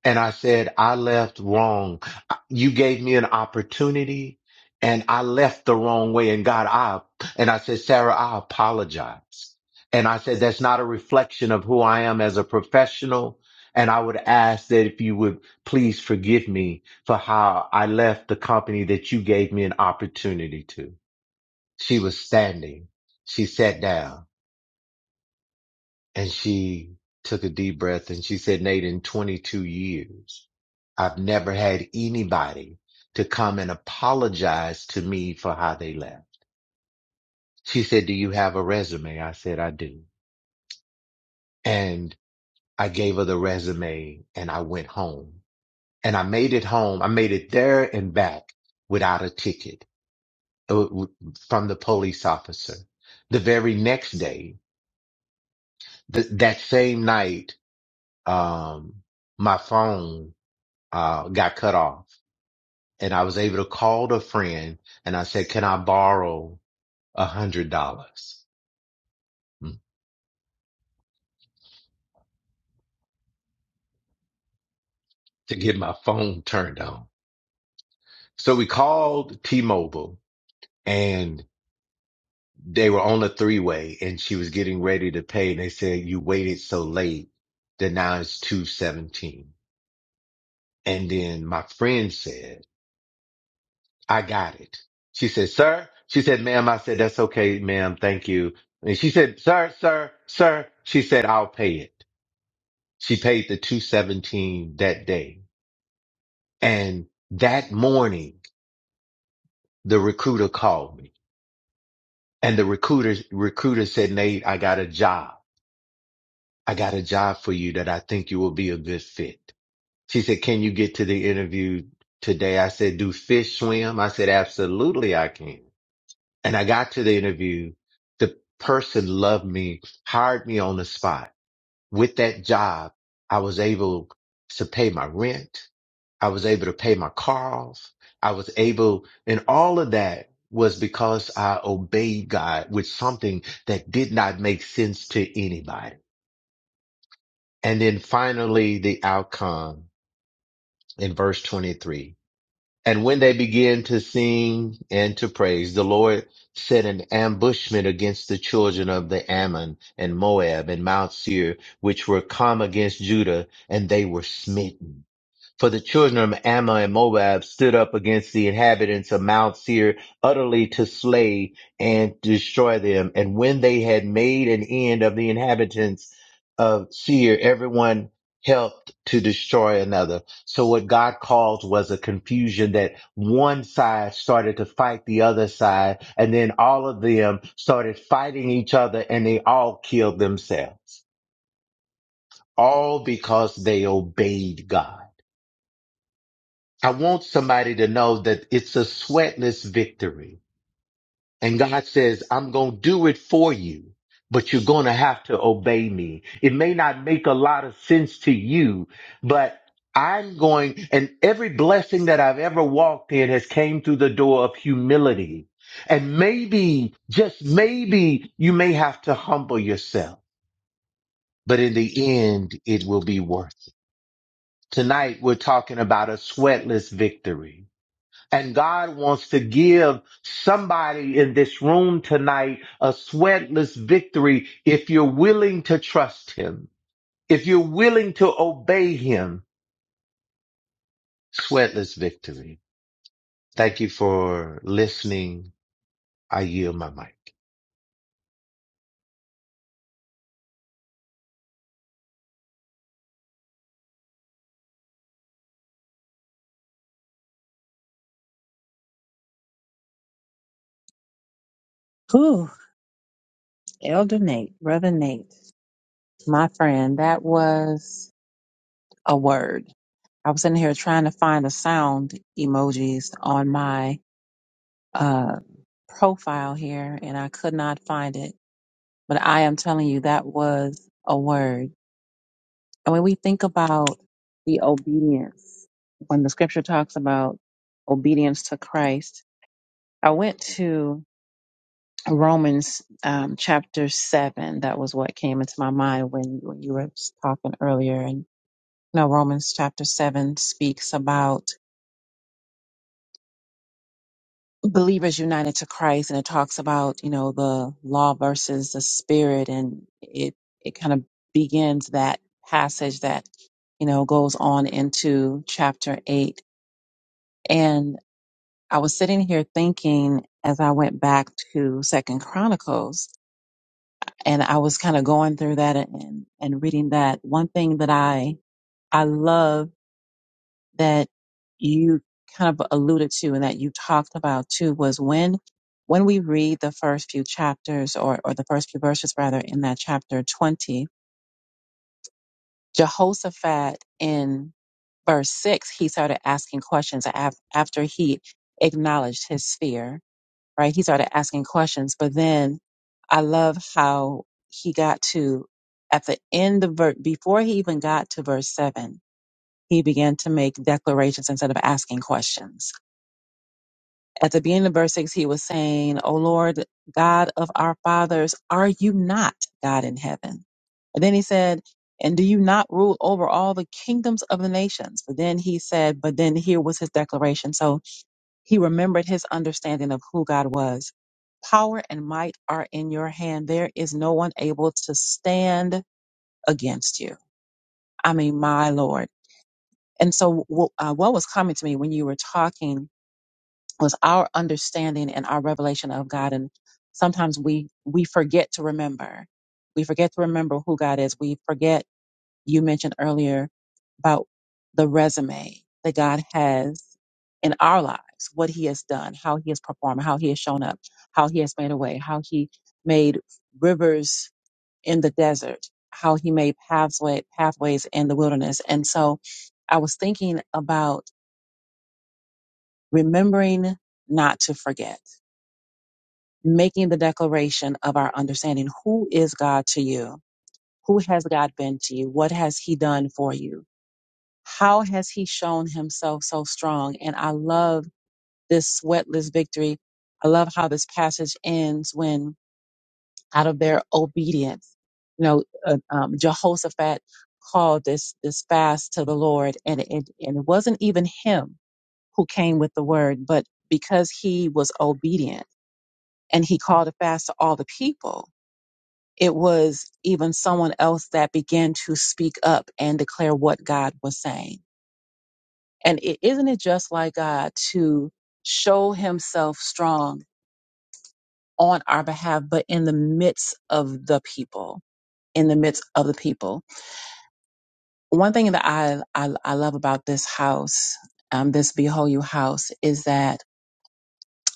And I said, I left wrong. You gave me an opportunity and I left the wrong way. And God, I, and I said, Sarah, I apologize. And I said, that's not a reflection of who I am as a professional. And I would ask that if you would please forgive me for how I left the company that you gave me an opportunity to. She was standing. She sat down. And she took a deep breath and she said, Nate, in 22 years, I've never had anybody to come and apologize to me for how they left. She said, do you have a resume? I said, I do. And I gave her the resume and I went home and I made it home. I made it there and back without a ticket uh, from the police officer. The very next day, th- that same night, um, my phone uh, got cut off and I was able to call a friend and I said, can I borrow a hundred dollars mm, to get my phone turned on? So we called T-Mobile and they were on a three way and she was getting ready to pay. And they said, you waited so late that now it's 217. And then my friend said, I got it. She said, sir, she said, ma'am, I said, that's okay, ma'am. Thank you. And she said, sir, sir, sir, she said, I'll pay it. She paid the 217 that day. And that morning, the recruiter called me and the recruiter, recruiter said, Nate, I got a job. I got a job for you that I think you will be a good fit. She said, can you get to the interview today? I said, do fish swim? I said, absolutely I can. And I got to the interview. The person loved me, hired me on the spot. with that job, I was able to pay my rent. I was able to pay my car off. I was able, and all of that was because I obeyed God with something that did not make sense to anybody. And then finally, the outcome in verse 23. And when they began to sing and to praise, the Lord set an ambushment against the children of the Ammon and Moab and Mount Seir, which were come against Judah, and they were smitten. For the children of Ammon and Moab stood up against the inhabitants of Mount Seir utterly to slay and destroy them. And when they had made an end of the inhabitants of Seir, everyone helped to destroy another. So what God caused was a confusion that one side started to fight the other side, and then all of them started fighting each other and they all killed themselves. All because they obeyed God. I want somebody to know that it's a sweatless victory. And God says, I'm going to do it for you, but you're going to have to obey me. It may not make a lot of sense to you, but I'm going, and every blessing that I've ever walked in has came through the door of humility. And maybe, just maybe you may have to humble yourself, but in the end, it will be worth it. Tonight, we're talking about a sweatless victory. And God wants to give somebody in this room tonight a sweatless victory if you're willing to trust Him, if you're willing to obey Him. Sweatless victory. Thank you for listening. I yield my mic.
Ooh, Elder Nate, Brother Nate, my friend, that was a word. I was in here trying to find the sound emojis on my uh, profile here and I could not find it, but I am telling you that was a word. And when we think about the obedience, when the scripture talks about obedience to Christ, I went to Romans um, chapter seven. That was what came into my mind when, when you were talking earlier. And you know, Romans chapter seven speaks about believers united to Christ and it talks about, you know, the law versus the spirit and it it kind of begins that passage that, you know, goes on into chapter 8 and I was sitting here thinking as I went back to Second Chronicles and I was kind of going through that and and reading that one thing that I I love that you kind of alluded to and that you talked about too was when when we read the first few chapters or, or the first few verses rather in that chapter 20 jehoshaphat in verse 6 he started asking questions af- after he acknowledged his fear right he started asking questions but then i love how he got to at the end of ver- before he even got to verse 7 he began to make declarations instead of asking questions At the beginning of verse 6, he was saying, O Lord, God of our fathers, are you not God in heaven? And then he said, And do you not rule over all the kingdoms of the nations? But then he said, But then here was his declaration. So he remembered his understanding of who God was. Power and might are in your hand. There is no one able to stand against you. I mean, my Lord. And so, wh- uh, what was coming to me when you were talking was our understanding and our revelation of God. And sometimes we we forget to remember. We forget to remember who God is. We forget. You mentioned earlier about the resume that God has in our lives, what He has done, how He has performed, how He has shown up, how He has made a way, how He made rivers in the desert, how He made pathway pathways in the wilderness. And so, I was thinking about remembering not to forget making the declaration of our understanding. Who is God to you? Who has God been to you? What has He done for you? How has He shown Himself so strong? And I love this sweatless victory. I love how this passage ends when, out of their obedience, you know, uh, um, Jehoshaphat called this this fast to the Lord, and it and it wasn't even him who came with the word, but because he was obedient and he called a fast to all the people, it was even someone else that began to speak up and declare what God was saying. And is isn't it just like God to show himself strong on our behalf, but in the midst of the people, in the midst of the people? One thing that I, I, I love about this house, um, this Behold You house, is that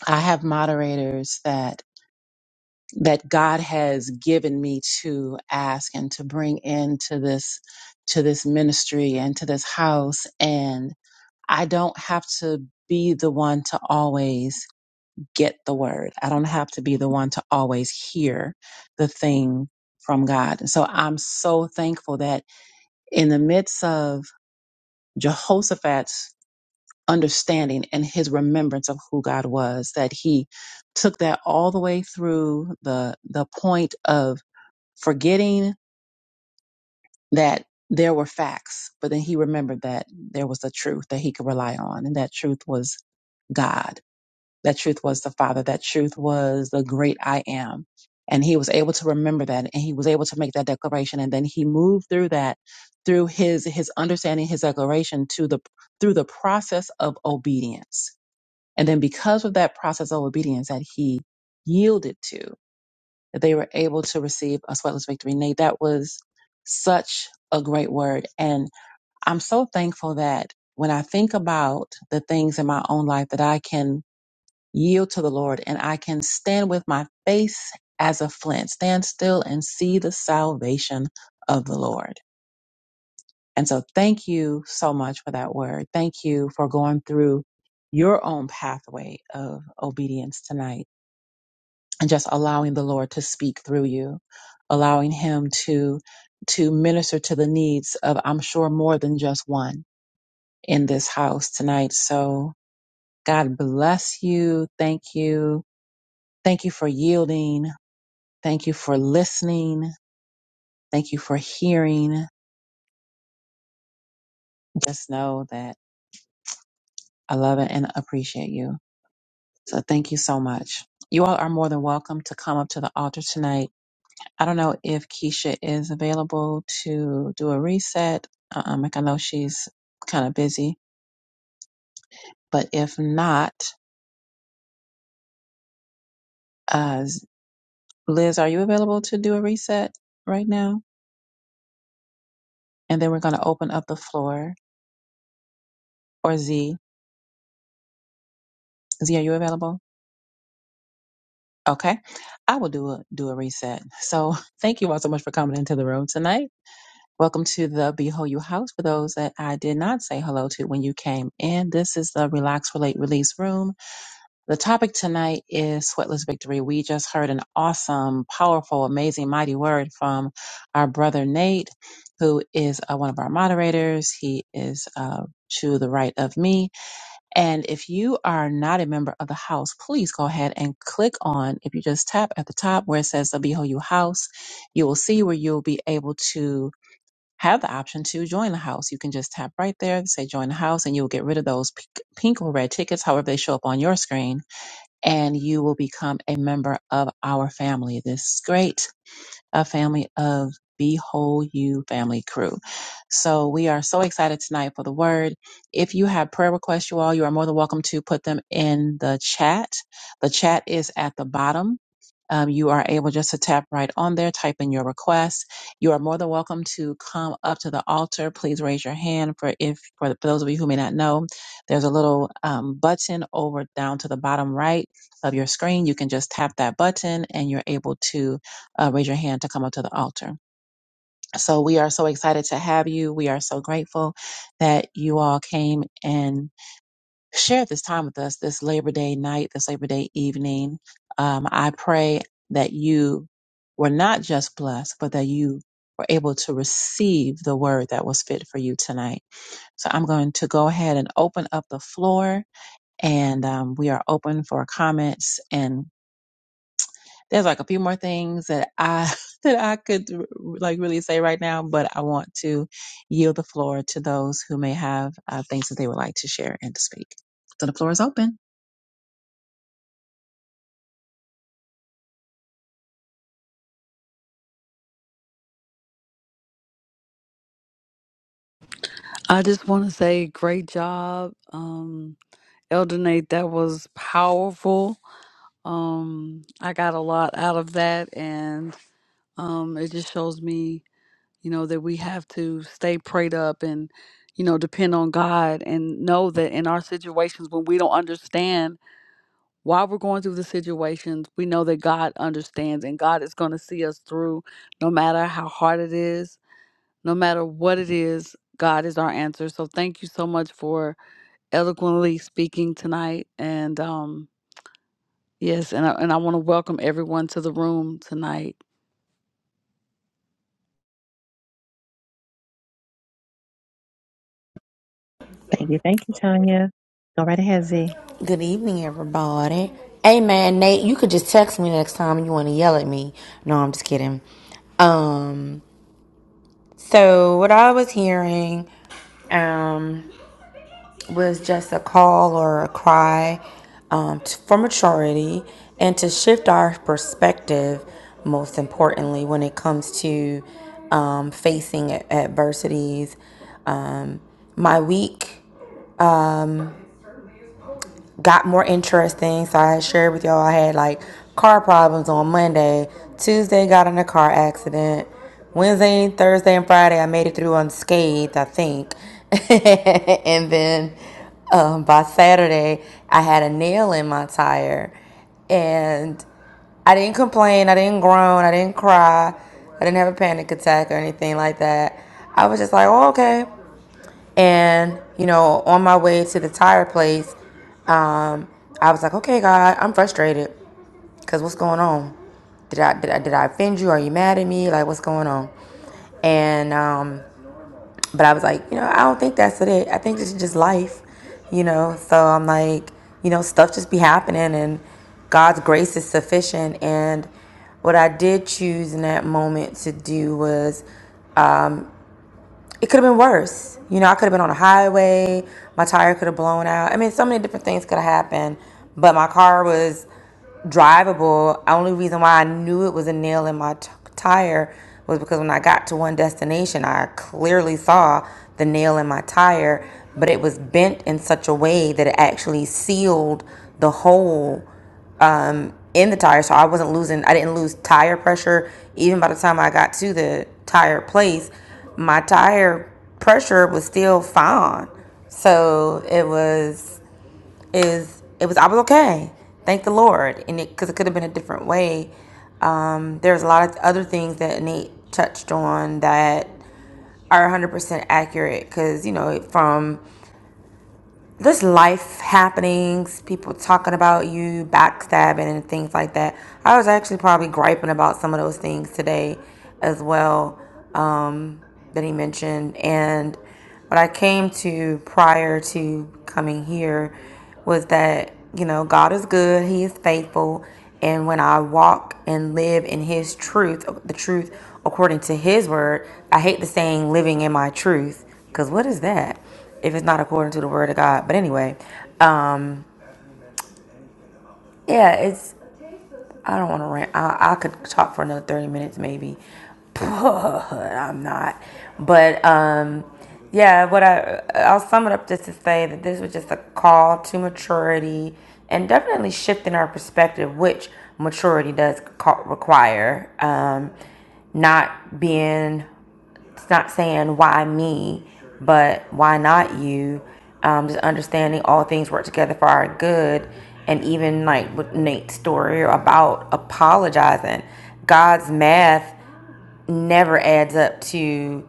I have moderators that that God has given me to ask and to bring into this to this ministry and to this house and I don't have to be the one to always get the word. I don't have to be the one to always hear the thing from God. And so I'm so thankful that in the midst of Jehoshaphat's understanding and his remembrance of who God was, that he took that all the way through the the point of forgetting that there were facts, but then he remembered that there was a truth that he could rely on, and that truth was God. That truth was the Father. That truth was the great I am. And he was able to remember that and he was able to make that declaration. And then he moved through that through his his understanding, his declaration to the through the process of obedience. And then because of that process of obedience that he yielded to, that they were able to receive a sweatless victory. Nate, that was such a great word. And I'm so thankful that when I think about the things in my own life that I can yield to the Lord and I can stand with my face as a flint, stand still and see the salvation of the Lord. And so thank you so much for that word. Thank you for going through your own pathway of obedience tonight and just allowing the Lord to speak through you, allowing Him to to minister to the needs of I'm sure more than just one in this house tonight. So God bless you. Thank you. Thank you for yielding. Thank you for listening. Thank you for hearing. Just know that I love it and appreciate you. So thank you so much. You all are more than welcome to come up to the altar tonight I don't know if Keisha is available to do a reset. Um, like I know she's kind of busy, but if not, uh, Liz, are you available to do a reset right now? And then we're going to open up the floor. Or Z, Z, are you available? Okay, I will do a do a reset. So thank you all so much for coming into the room tonight. Welcome to the Behold You House. For those that I did not say hello to when you came in, this is the Relax, Relate, Release room The topic tonight is sweatless victory. We just heard an awesome, powerful, amazing, mighty word from our brother Nate, who is uh, one of our moderators. He is uh, to the right of me. And if you are not a member of the house, please go ahead and click on, if you just tap at the top where it says the BHU house, you will see where you'll be able to have the option to join the house. You can just tap right there, say join the house, and you'll get rid of those pink pink or red tickets, however they show up on your screen and you will become a member of our family. This is great a family of be whole you family crew. So we are so excited tonight for the word. If you have prayer requests, you all, you are more than welcome to put them in the chat. The chat is at the bottom. Um, you are able just to tap right on there, type in your request. You are more than welcome to come up to the altar. Please raise your hand for if for, for those of you who may not know, there's a little um, button over down to the bottom right of your screen. You can just tap that button, and you're able to uh, raise your hand to come up to the altar. So we are so excited to have you. We are so grateful that you all came and shared this time with us this Labor Day night, this Labor Day evening. Um, I pray that you were not just blessed, but that you were able to receive the word that was fit for you tonight. So I'm going to go ahead and open up the floor, and um, we are open for comments and There's like a few more things that I that I could like really say right now, but I want to yield the floor to those who may have uh, things that they would like to share and to speak. So the floor is open.
I just want to say great job. Um Elder Nate, that was powerful. Um I got a lot out of that and um it just shows me, you know, that we have to stay prayed up and you know, depend on God and know that in our situations when we don't understand while we're going through the situations, we know that God understands and God is going to see us through no matter how hard it is, no matter what it is. God is our answer. So thank you so much for eloquently speaking tonight. And um, yes, and I, and I want to welcome everyone to the room tonight.
Thank you. Thank you, Tanya. Go right ahead, Z.
Good evening, everybody. Hey, man, Nate, you could just text me next time you want to yell at me. No, I'm just kidding. Um, so what I was hearing, um, was just a call or a cry, um, t- for maturity and to shift our perspective, most importantly, when it comes to, um, facing a- adversities. Um, my week. got more interesting. So I shared with y'all I had like car problems on Monday. Tuesday got in a car accident. Wednesday, Thursday, and Friday I made it through unscathed, I think. and then um, by Saturday I had a nail in my tire, and I didn't complain. I didn't groan. I didn't cry. I didn't have a panic attack or anything like that. I was just like, oh, okay. And, you know, on my way to the tire place, um, I was like, okay, God, I'm frustrated because what's going on? Did I, did I did I offend you? Are you mad at me? Like, what's going on? And um, but I was like, you know, I don't think that's it. I think this is just life, you know. So I'm like, you know, stuff just be happening, and God's grace is sufficient. And what I did choose in that moment to do was it could have been worse. You know, I could have been on a highway. My tire could have blown out. I mean, so many different things could have happened. But my car was drivable. The Only reason why I knew it was a nail in my t- tire was because when I got to one destination, I clearly saw the nail in my tire, but it was bent in such a way that it actually sealed the hole in the tire so i wasn't losing i didn't lose tire pressure even by the time i got to the tire place my tire pressure was still fine so it was is it it was i was okay thank the lord and it because it could have been a different way um, there's a lot of other things that nate touched on that are 100% accurate because you know from just life happenings, people talking about you, backstabbing, and things like that. I was actually probably griping about some of those things today as well um, that he mentioned. And what I came to prior to coming here was that, you know, God is good, He is faithful. And when I walk and live in His truth, the truth according to His word, I hate the saying living in my truth, because what is that if it's not according to the word of God? But anyway, um, yeah, it's. I don't want to rant. I, I could talk for another 30 minutes maybe, but I'm not. But um, yeah, what I I'll sum it up just to say that this was just a call to maturity and definitely shifting our perspective, which maturity does require. Um, not being it's not saying why me, but why not you? Um, just understanding all things work together for our good, and even like with Nate's story about apologizing, God's math never adds up to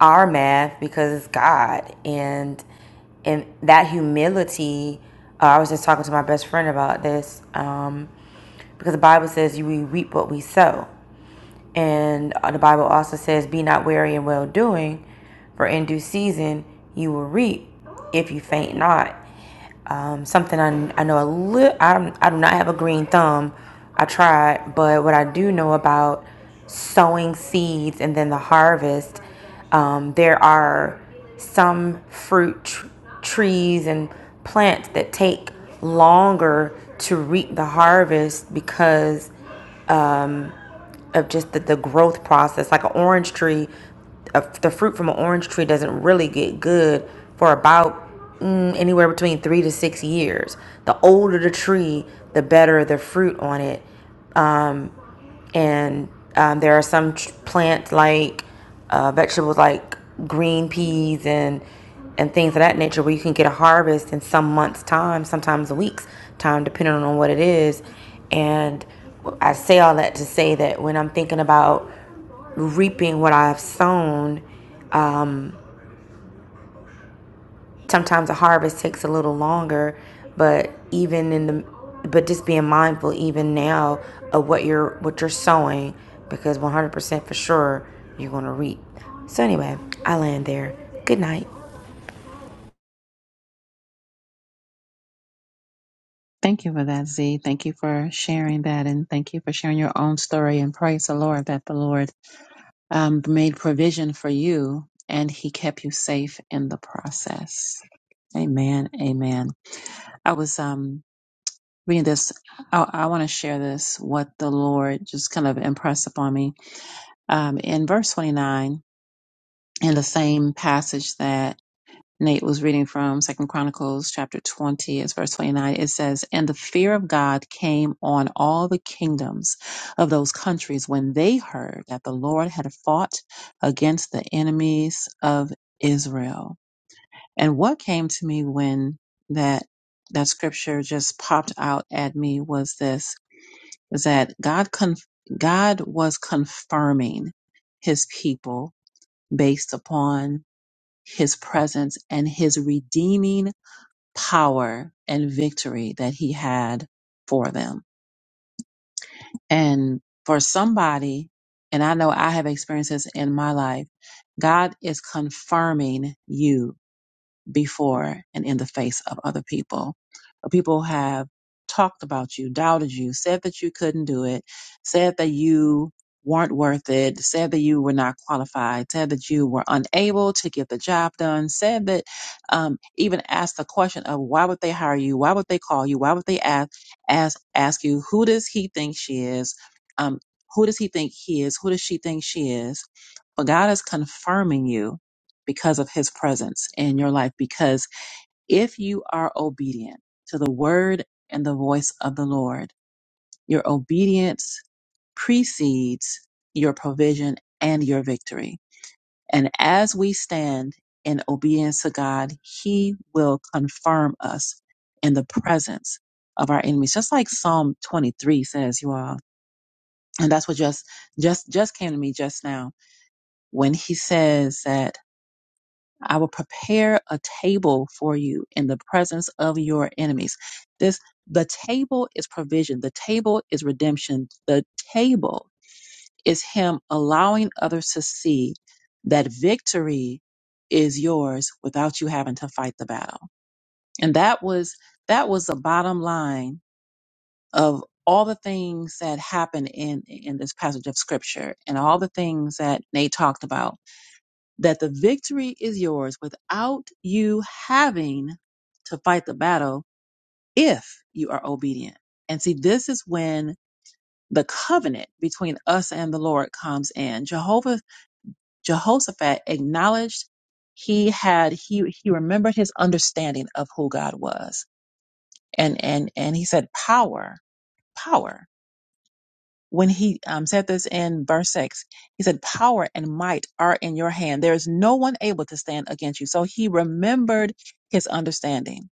our math because it's God, and and that humility. Uh, I was just talking to my best friend about this um, because the Bible says you we reap what we sow. And uh, the Bible also says, Be not weary in well doing, for in due season you will reap if you faint not. Um, something I, I know a little, I, I do not have a green thumb. I tried, but what I do know about sowing seeds and then the harvest, um, there are some fruit tr- trees and plants that take longer to reap the harvest because of just the, the growth process. Like an orange tree, a, the fruit from an orange tree doesn't really get good for about mm, anywhere between three to six years. The older the tree, the better the fruit on it and um, there are some tr- plants like uh, vegetables like green peas and and things of that nature where you can get a harvest in some months time sometimes a week's time depending on what it is and i say all that to say that when i'm thinking about reaping what i've sown um, sometimes a harvest takes a little longer but even in the but just being mindful even now of what you're what you're sowing because 100% for sure you're going to reap so anyway i land there good night
Thank you for that, Z. Thank you for sharing that, and thank you for sharing your own story. And praise the Lord that the Lord um, made provision for you and he kept you safe in the process. Amen. Amen. I was um reading this. I, I want to share this, what the Lord just kind of impressed upon me. Um, in verse 29, in the same passage that Nate was reading from Second Chronicles chapter 20, it's verse 29. It says, And the fear of God came on all the kingdoms of those countries when they heard that the Lord had fought against the enemies of Israel. And what came to me when that that scripture just popped out at me was this was that God conf- God was confirming his people based upon his presence and his redeeming power and victory that he had for them. And for somebody, and I know I have experienced this in my life, God is confirming you before and in the face of other people. But people have talked about you, doubted you, said that you couldn't do it, said that you weren't worth it, said that you were not qualified, said that you were unable to get the job done, said that um, even asked the question of why would they hire you, why would they call you, why would they ask ask ask you who does he think she is, um, who does he think he is, who does she think she is. But God is confirming you because of his presence in your life. Because if you are obedient to the word and the voice of the Lord, your obedience precedes your provision and your victory. And as we stand in obedience to God, he will confirm us in the presence of our enemies. Just like Psalm 23 says, you all. And that's what just, just, just came to me just now when he says that I will prepare a table for you in the presence of your enemies. This the table is provision, the table is redemption, the table is him allowing others to see that victory is yours without you having to fight the battle. And that was that was the bottom line of all the things that happened in in this passage of scripture and all the things that Nate talked about that the victory is yours without you having to fight the battle if you are obedient. And see, this is when the covenant between us and the Lord comes in. Jehovah, Jehoshaphat acknowledged he had, he, he remembered his understanding of who God was. And, and, and he said, power, power. when he um, said this in verse 6 he said power and might are in your hand there is no one able to stand against you so he remembered his understanding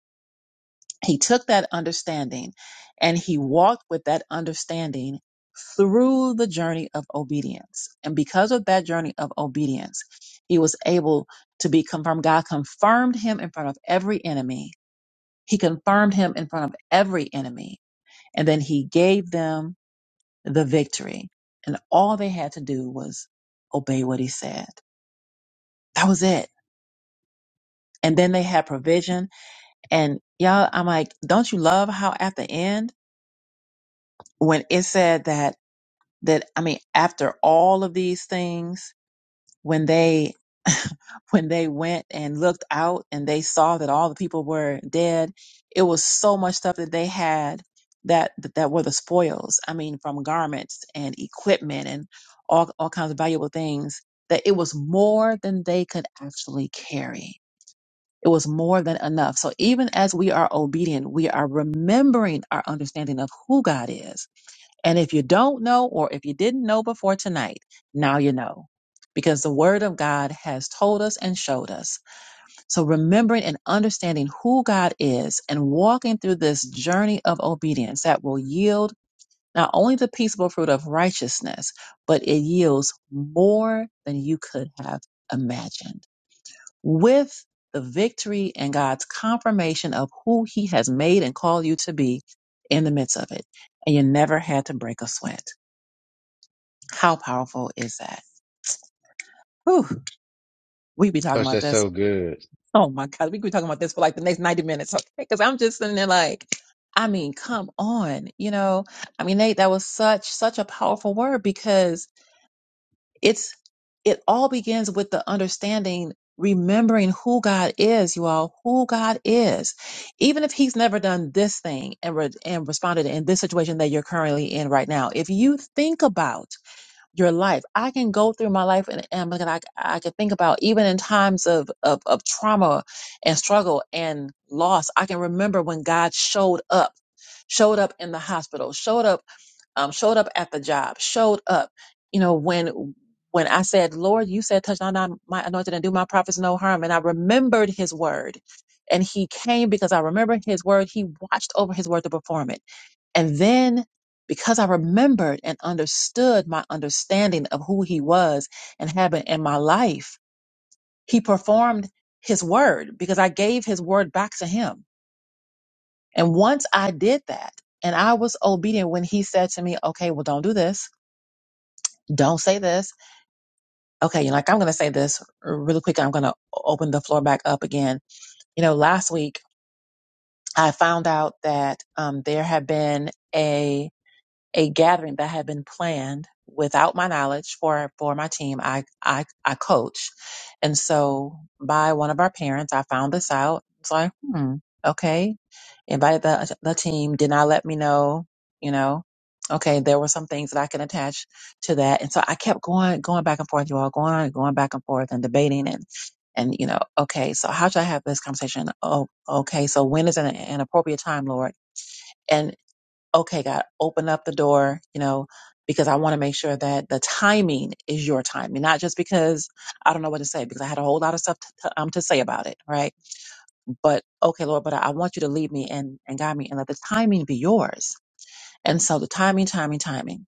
he took that understanding and he walked with that understanding through the journey of obedience and because of that journey of obedience he was able to be confirmed god confirmed him in front of every enemy he confirmed him in front of every enemy and then he gave them the victory. And all they had to do was obey what he said. That was it. And then they had provision. And y'all, I'm like, don't you love how at the end, when it said that, that, I mean, after all of these things, when they when they went and looked out and they saw that all the people were dead, it was so much stuff that they had that that, that were the spoils. I mean, from garments and equipment and all all kinds of valuable things. That it was more than they could actually carry. It was more than enough. So even as we are obedient, we are remembering our understanding of who God is. And if you don't know, or if you didn't know before tonight, now you know because the word of God has told us and showed us. So remembering and understanding who God is and walking through this journey of obedience that will yield not only the peaceable fruit of righteousness, but it yields more than you could have imagined. With the victory and God's confirmation of who he has made and called you to be in the midst of it. And you never had to break a sweat. How powerful is that? Whew, we be talking
Coach,
about
that's
this
so good.
Oh my God, we could be talking about this for like the next 90 minutes, okay? Because I'm just sitting there like, I mean, come on, you know? I mean, Nate, that was such, such a powerful word because it's, it all begins with the understanding, remembering who God is, you all, who God is. Even if he's never done this thing and, re- and responded in this situation that you're currently in right now, if you think about your life. I can go through my life and, and like, I, I can think about even in times of, of, of trauma and struggle and loss, I can remember when God showed up, showed up in the hospital, showed up, um, showed up at the job, showed up, you know, when, when I said, Lord, you said, touch not on my anointed and do my prophets no harm. And I remembered his word and he came because I remembered his word. He watched over his word to perform it and then because I remembered and understood my understanding of who he was and had been in my life, he performed his word because I gave his word back to him. And once I did that and I was obedient when he said to me, okay, well, don't do this. Don't say this. Okay. You're like, I'm going to say this really quick. I'm going to open the floor back up again. You know, last week I found out that um, there had been a. a gathering that had been planned without my knowledge for for my team I, I i coach and so by one of our parents i found this out it's like hmm okay invited the the team did not let me know you know okay there were some things that i can attach to that and so i kept going going back and forth you all going going back and forth and debating and and you know okay so how should i have this conversation oh okay so when is an, an appropriate time lord And okay, God, open up the door, you know, because I want to make sure that the timing is your timing, not just because I don't know what to say, because I had a whole lot of stuff to, to, um, to say about it, right? But okay, Lord, but I, I want you to lead me and, and guide me and let the timing be yours. And so the timing, timing, timing.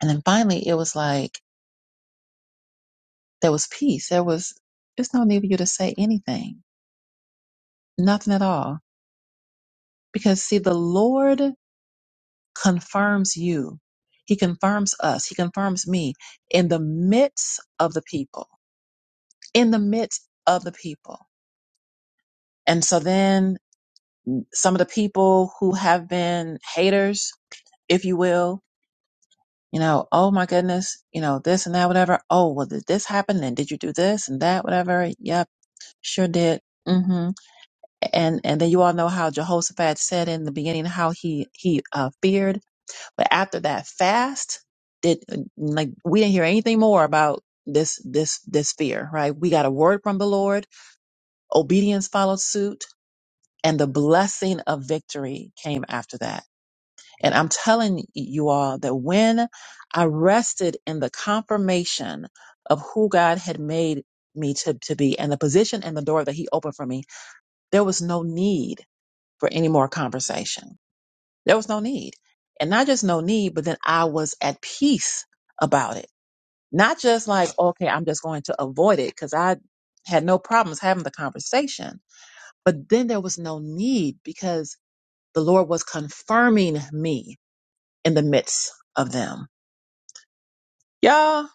And then finally, it was like, there was peace. There was, there's no need for you to say anything, nothing at all. Because see, the Lord confirms you. He confirms us. He confirms me in the midst of the people, in the midst of the people. And so then some of the people who have been haters, if you will, you know, oh my goodness, you know, this and that, whatever. Oh, well, did this happen? And did you do this and that, whatever? Yep, sure did. mm hmm And and then you all know how Jehoshaphat said in the beginning how he he uh, feared But after that fast, did like we didn't hear anything more about this this this fear, right? We got a word from the Lord, obedience followed suit, and the blessing of victory came after that. And I'm telling you all that when I rested in the confirmation of who God had made me to, to be and the position and the door that he opened for me, there was no need for any more conversation there was no need. And not just no need, but then I was at peace about it. Not just like, okay, I'm just going to avoid it because I had no problems having the conversation. But then there was no need because the Lord was confirming me in the midst of them. Y'all,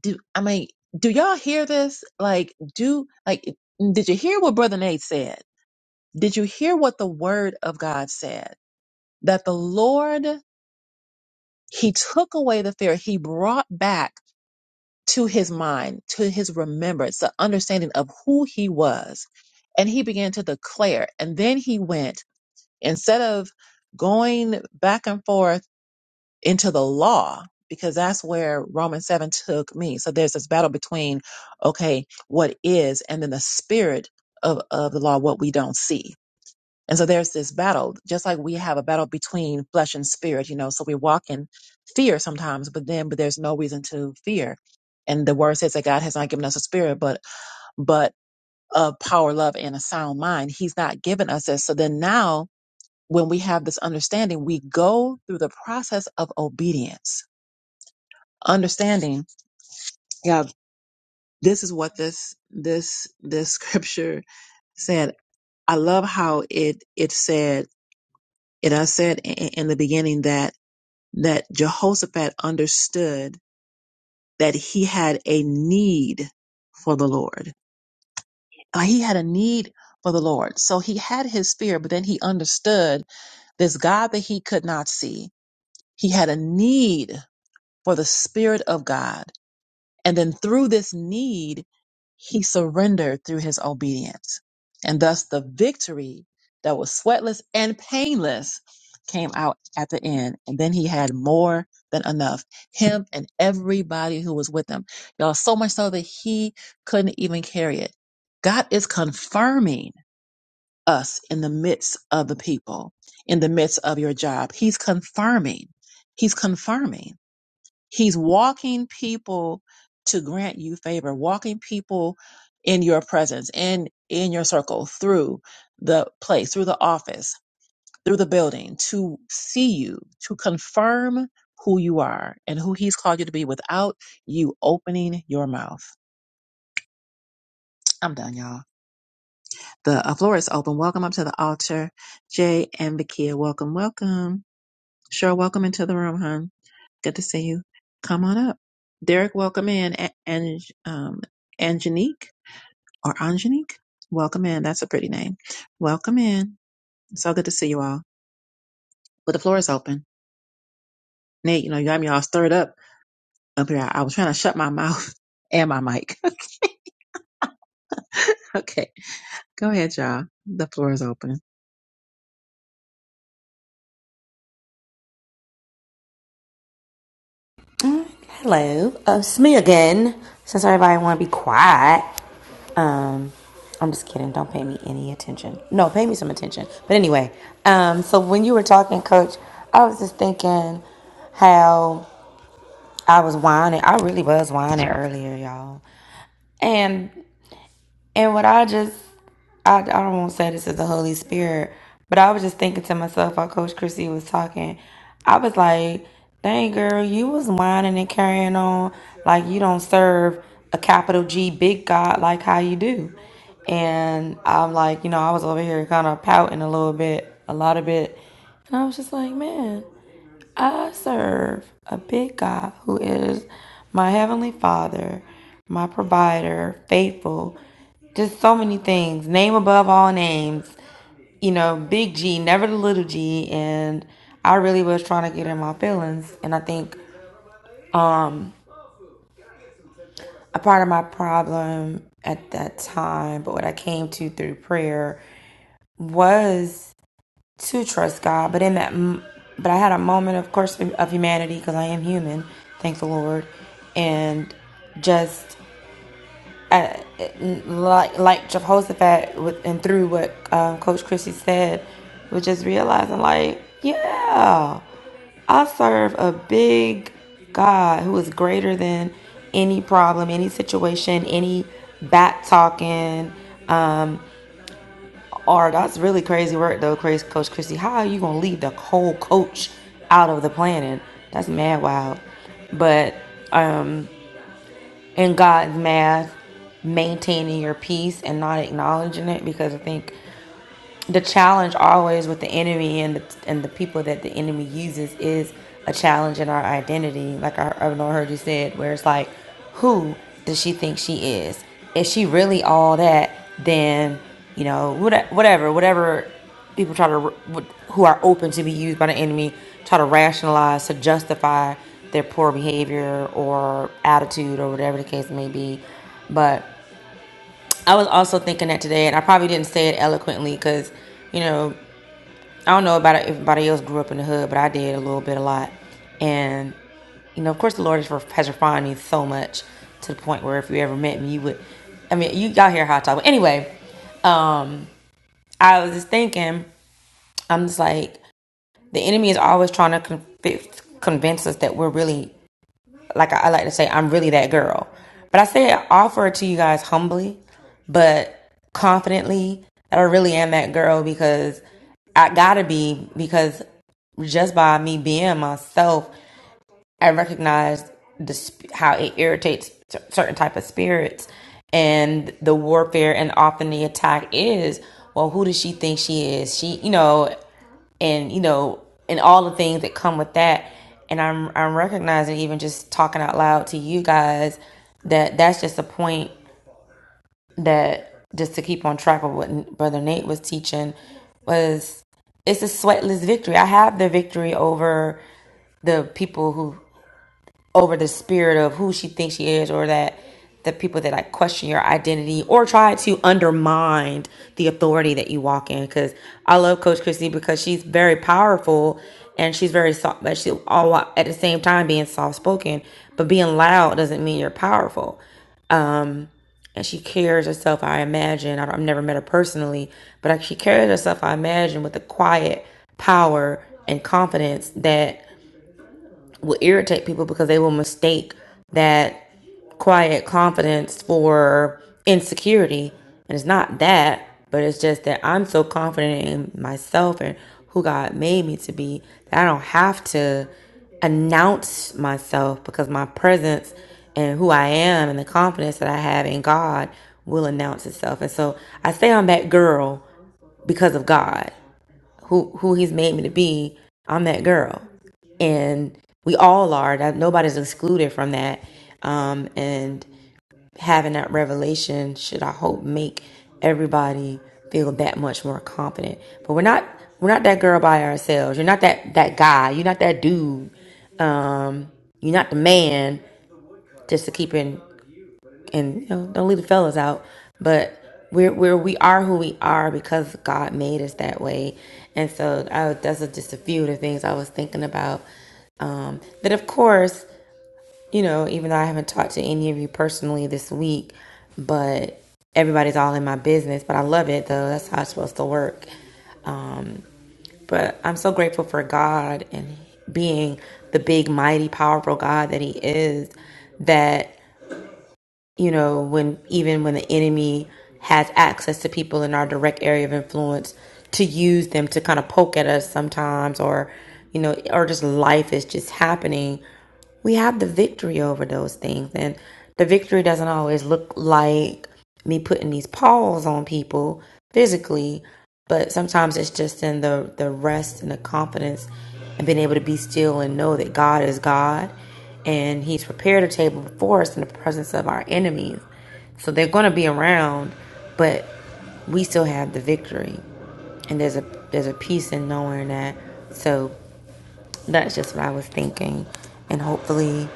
do, I mean, do y'all hear this? Like, do, like, did you hear what Brother Nate said? Did you hear what the word of God said? That the Lord He took away the fear. He brought back to his mind, to his remembrance, the understanding of who he was. And he began to declare. And then he went, instead of going back and forth into the law, because that's where Romans 7 took me. So there's this battle between, okay, what is, and then the spirit of, of the law, what we don't see and so there's this battle, just like we have a battle between flesh and spirit, you know. So we walk in fear sometimes, but then but there's no reason to fear. And the word says that God has not given us a spirit, but but of power, love, and a sound mind. He's not given us this. So then now when we have this understanding, we go through the process of obedience. Understanding, yeah, this is what this this this scripture said. I love how it it said it I said i- in the beginning that that Jehoshaphat understood that he had a need for the Lord. Like, He had a need for the Lord. So he had his fear, but then he understood this God that he could not see. He had a need for the Spirit of God And then through this need, he surrendered through his obedience. And thus the victory that was sweatless and painless came out at the end. And then he had more than enough. Him and everybody who was with him. Y'all, so much so that he couldn't even carry it. God is confirming us in the midst of the people, in the midst of your job. He's confirming. He's confirming. He's walking people to grant you favor, walking people in your presence, in in your circle, through the place, through the office, through the building, to see you, to confirm who you are and who he's called you to be without you opening your mouth. I'm done, y'all. The uh, floor is open. Welcome up to the altar. Jay and Bakia, welcome, welcome. Sure, welcome into the room, hon. Good to see you. Come on up. Derek, welcome in. A- Ange, um, Angenique or Angenique, welcome in. That's a pretty name. Welcome in. So good to see you all. But the floor is open. Nate, you know, you got me all stirred up up here. I, I was trying to shut my mouth and my mic. okay. Go ahead, y'all. The floor is open.
hello uh, it's me again since everybody want to be quiet um i'm just kidding don't pay me any attention no pay me some attention but anyway um so when you were talking coach i was just thinking how I was whining. I really was whining earlier, y'all. And and what I just I, I don't want to say this is the Holy Spirit, but I was just thinking to myself while Coach Chrissy was talking, I was like, dang girl, you was whining and carrying on like you don't serve a capital G big God like how you do. And I'm like, you know, I was over here kind of pouting a little bit, a lot of bit. And I was just like, man. I serve a big God who is my heavenly Father, my provider, faithful, just so many things. Name above all names, you know, big G, never the little G. And I really was trying to get in my feelings. And I think a part of my problem at that time, but what I came to through prayer was to trust God. But in that, but I had a moment, of course, of humanity because I am human. Thank the Lord, and just uh, like like Jehoshaphat with, and through what um, Coach Christie said, was just realizing like, yeah, I serve a big God who is greater than any problem, any situation, any back talking. Or that's really crazy work though, crazy coach Chrissy. How are you gonna leave the whole coach out of the planning? That's mad wild. But in God's math, maintaining your peace and not acknowledging it because I think the challenge always with the enemy and the, and the people that the enemy uses is a challenge in our identity. Like I, I know I heard you said, where it's like, who does she think she is? Is she really all that? Then you know, whatever, whatever people try to who are open to be used by the enemy try to rationalize to justify their poor behavior or attitude or whatever the case may be. But I was also thinking that today, and I probably didn't say it eloquently because, you know, I don't know about if everybody else grew up in the hood, but I did a little bit, a lot. And you know, of course, the Lord has ref- has refined me so much to the point where if you ever met me, you would. I mean, you y'all hear how I talk. But anyway, um, I was just thinking, I'm just like the enemy is always trying to conv- convince us that we're really like I, I like to say, I'm really that girl. But I say I offer it to you guys humbly, but confidently that I really am that girl because I gotta be because just by me being myself, I recognized the, how it irritates certain type of spirits and the warfare and often the attack is, well, who does she think she is? She, you know, and you know, and all the things that come with that. And I'm I'm recognizing even just talking out loud to you guys that that's just a point that just to keep on track of what Brother Nate was teaching was it's a sweatless victory. I have the victory over the people who over the spirit of who she thinks she is or that the people that like question your identity or try to undermine the authority that you walk in because i love coach Christie because she's very powerful and she's very soft but she all at the same time being soft spoken but being loud doesn't mean you're powerful and she carries herself i imagine I don't- i've never met her personally but like, she carries herself i imagine with a quiet power and confidence that will irritate people because they will mistake that quiet confidence for insecurity. And it's not that, but it's just that I'm so confident in myself and who God made me to be that I don't have to announce myself because my presence and who I am and the confidence that I have in God will announce itself. And so I say I'm that girl because of God, who who he's made me to be. I'm that girl and we all are. That nobody's excluded from that. Um, and having that revelation should I hope make everybody feel that much more confident. But we're not we're not that girl by ourselves. You're not that that guy. You're not that dude. Um, you're not the man just to keep in and you know don't leave the fellas out. But we're we're we are who we are because God made us that way. And so I, that's just a few of the things I was thinking about. Um, that of course you know, even though I haven't talked to any of you personally this week, but everybody's all in my business. But I love it though. That's how it's supposed to work. Um, but I'm so grateful for God and being the big, mighty, powerful God that He is. That you know, when even when the enemy has access to people in our direct area of influence to use them to kind of poke at us sometimes or you know, or just life is just happening, we have the victory over those things. And the victory doesn't always look like me putting these paws on people physically, but sometimes it's just in the the rest and the confidence and being able to be still and know that God is God and he's prepared a table before us in the presence of our enemies. So they're going to be around, but we still have the victory. And there's a there's a peace in knowing that. So that's just what I was thinking, and hopefully,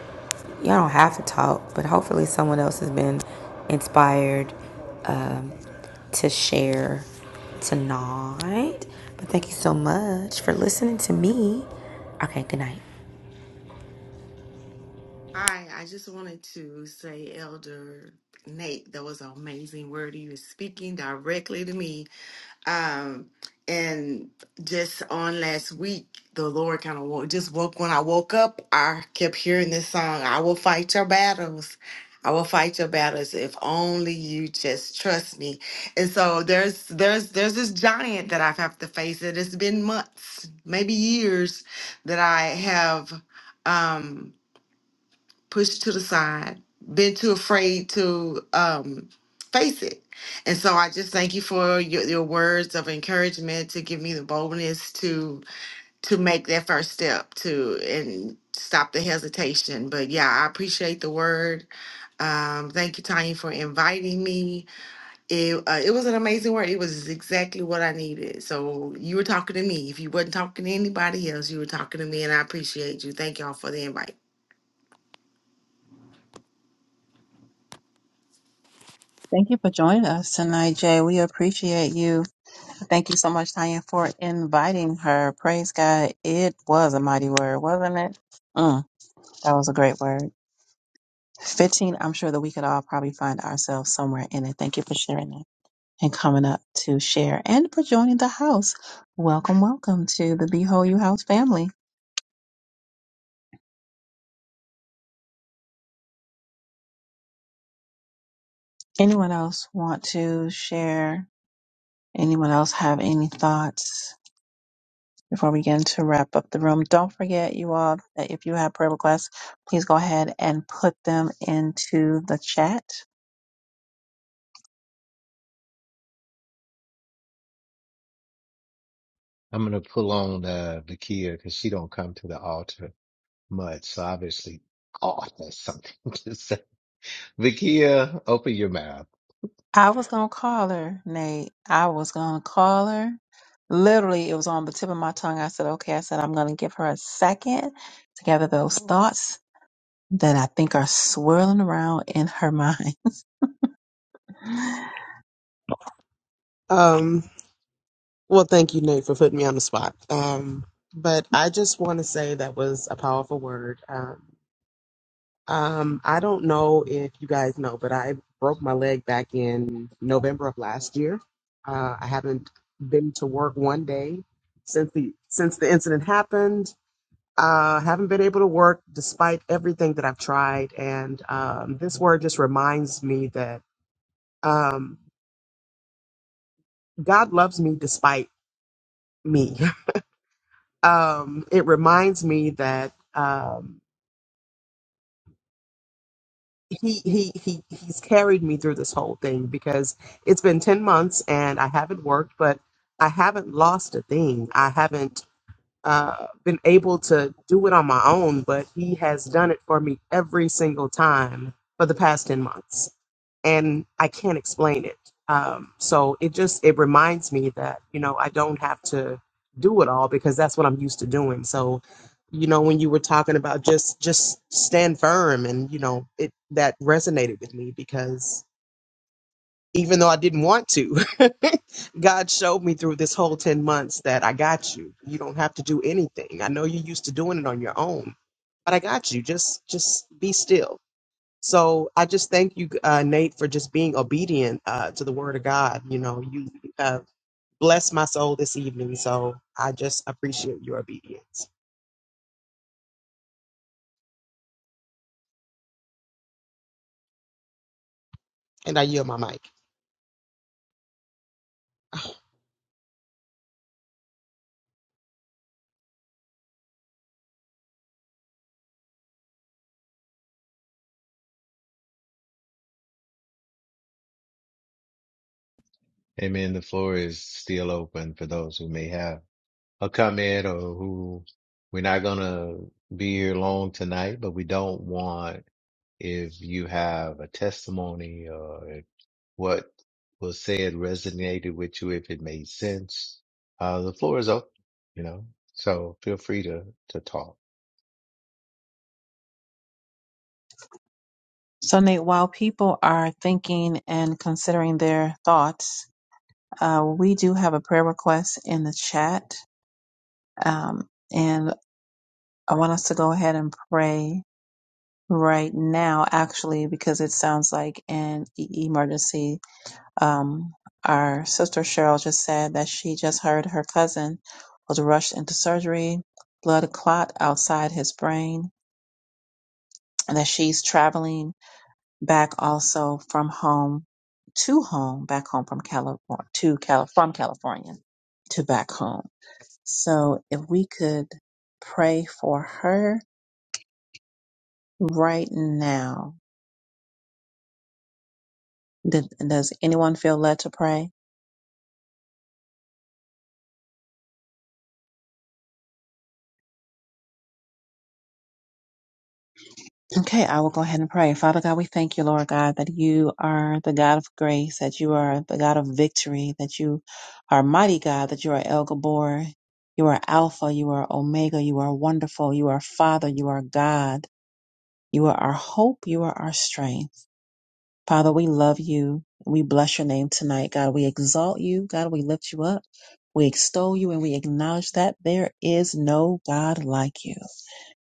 y'all don't have to talk, but hopefully someone else has been inspired um, to share tonight. But thank you so much for listening to me. Okay, good night.
Hi, I just wanted to say, Elder Nate, that was an amazing word. You were speaking directly to me. Um, and just on last week, the Lord kind of woke, just woke when I woke up. I kept hearing this song, I will fight your battles. I will fight your battles if only you just trust me. And so there's there's there's this giant that I've have to face. It has been months, maybe years, that I have um pushed to the side, been too afraid to um, face it. And so I just thank you for your, your words of encouragement to give me the boldness to to make that first step to and stop the hesitation. But yeah, I appreciate the word. Um, thank you, Tanya, for inviting me. It uh, it was an amazing word. It was exactly what I needed. So you were talking to me. If you wasn't talking to anybody else, you were talking to me, and I appreciate you. Thank y'all for the invite.
Thank you for joining us tonight, Jay. We appreciate you. Thank you so much, Tanya, for inviting her. Praise God. It was a mighty word, wasn't it? Mm, that was a great word. 15, I'm sure that we could all probably find ourselves somewhere in it. Thank you for sharing that and coming up to share and for joining the house. Welcome, welcome to the Behold You House family. Anyone else want to share? Anyone else have any thoughts? before we begin to wrap up the room, don't forget, you all, that if you have prayer requests, please go ahead and put them into the chat.
I'm gonna pull on uh Vakia because she don't come to the altar much, so obviously God has something to say. Vakia, open your mouth.
I was going to call her, Nate. I was going to call her. Literally, it was on the tip of my tongue. I said, okay, I said, I'm going to give her a second to gather those thoughts that I think are swirling around in her mind.
Um, well, thank you, Nate, for putting me on the spot. Um, but I just want to say that was a powerful word. Um, um, I don't know if you guys know, but I broke my leg back in November of last year. Uh, I haven't been to work one day since the since the incident happened. Uh, haven't been able to work despite everything that I've tried, and um, this word just reminds me that um, God loves me despite me. um, it reminds me that um, he he he he's carried me through this whole thing because it's been ten months and I haven't worked, but I haven't lost a thing. I haven't uh, been able to do it on my own, but he has done it for me every single time for the past 10 months. And I can't explain it. Um, so it just, it reminds me that, you know, I don't have to do it all because that's what I'm used to doing. So, you know, when you were talking about just, just stand firm and, you know, it, that resonated with me because even though I didn't want to. God showed me through this whole 10 months that I got you. You don't have to do anything. I know you're used to doing it on your own, but I got you. Just just be still. So I just thank you, uh, Nate, for just being obedient uh, to the word of God. You know, you uh, blessed my soul this evening. So I just appreciate your obedience. And I yield my mic.
Amen. The floor is still open for those who may have. or come in or who we're not gonna be here long tonight, but we don't want if you have a testimony or if what was said resonated with you, if it made sense, uh, the floor is open, you know, so feel free to, to talk.
So, Nate, while people are thinking and considering their thoughts, uh, we do have a prayer request in the chat. Um, and I want us to go ahead and pray right now, actually, because it sounds like an e- emergency. Um, our sister Cheryl just said that she just heard her cousin was rushed into surgery, blood clot outside his brain, and that she's traveling back also from home to home, back home from California, to Cal- from California to back home. So if we could pray for her right now. Did, does anyone feel led to pray? Okay, I will go ahead and pray. Father God, we thank you, Lord God, that you are the God of grace, that you are the God of victory, that you are mighty God, that you are El Gabor, you are Alpha, you are Omega, you are wonderful, you are Father, you are God, you are our hope, you are our strength. Father, we love you. We bless your name tonight, God. We exalt you, God. We lift you up. We extol you and we acknowledge that there is no God like you.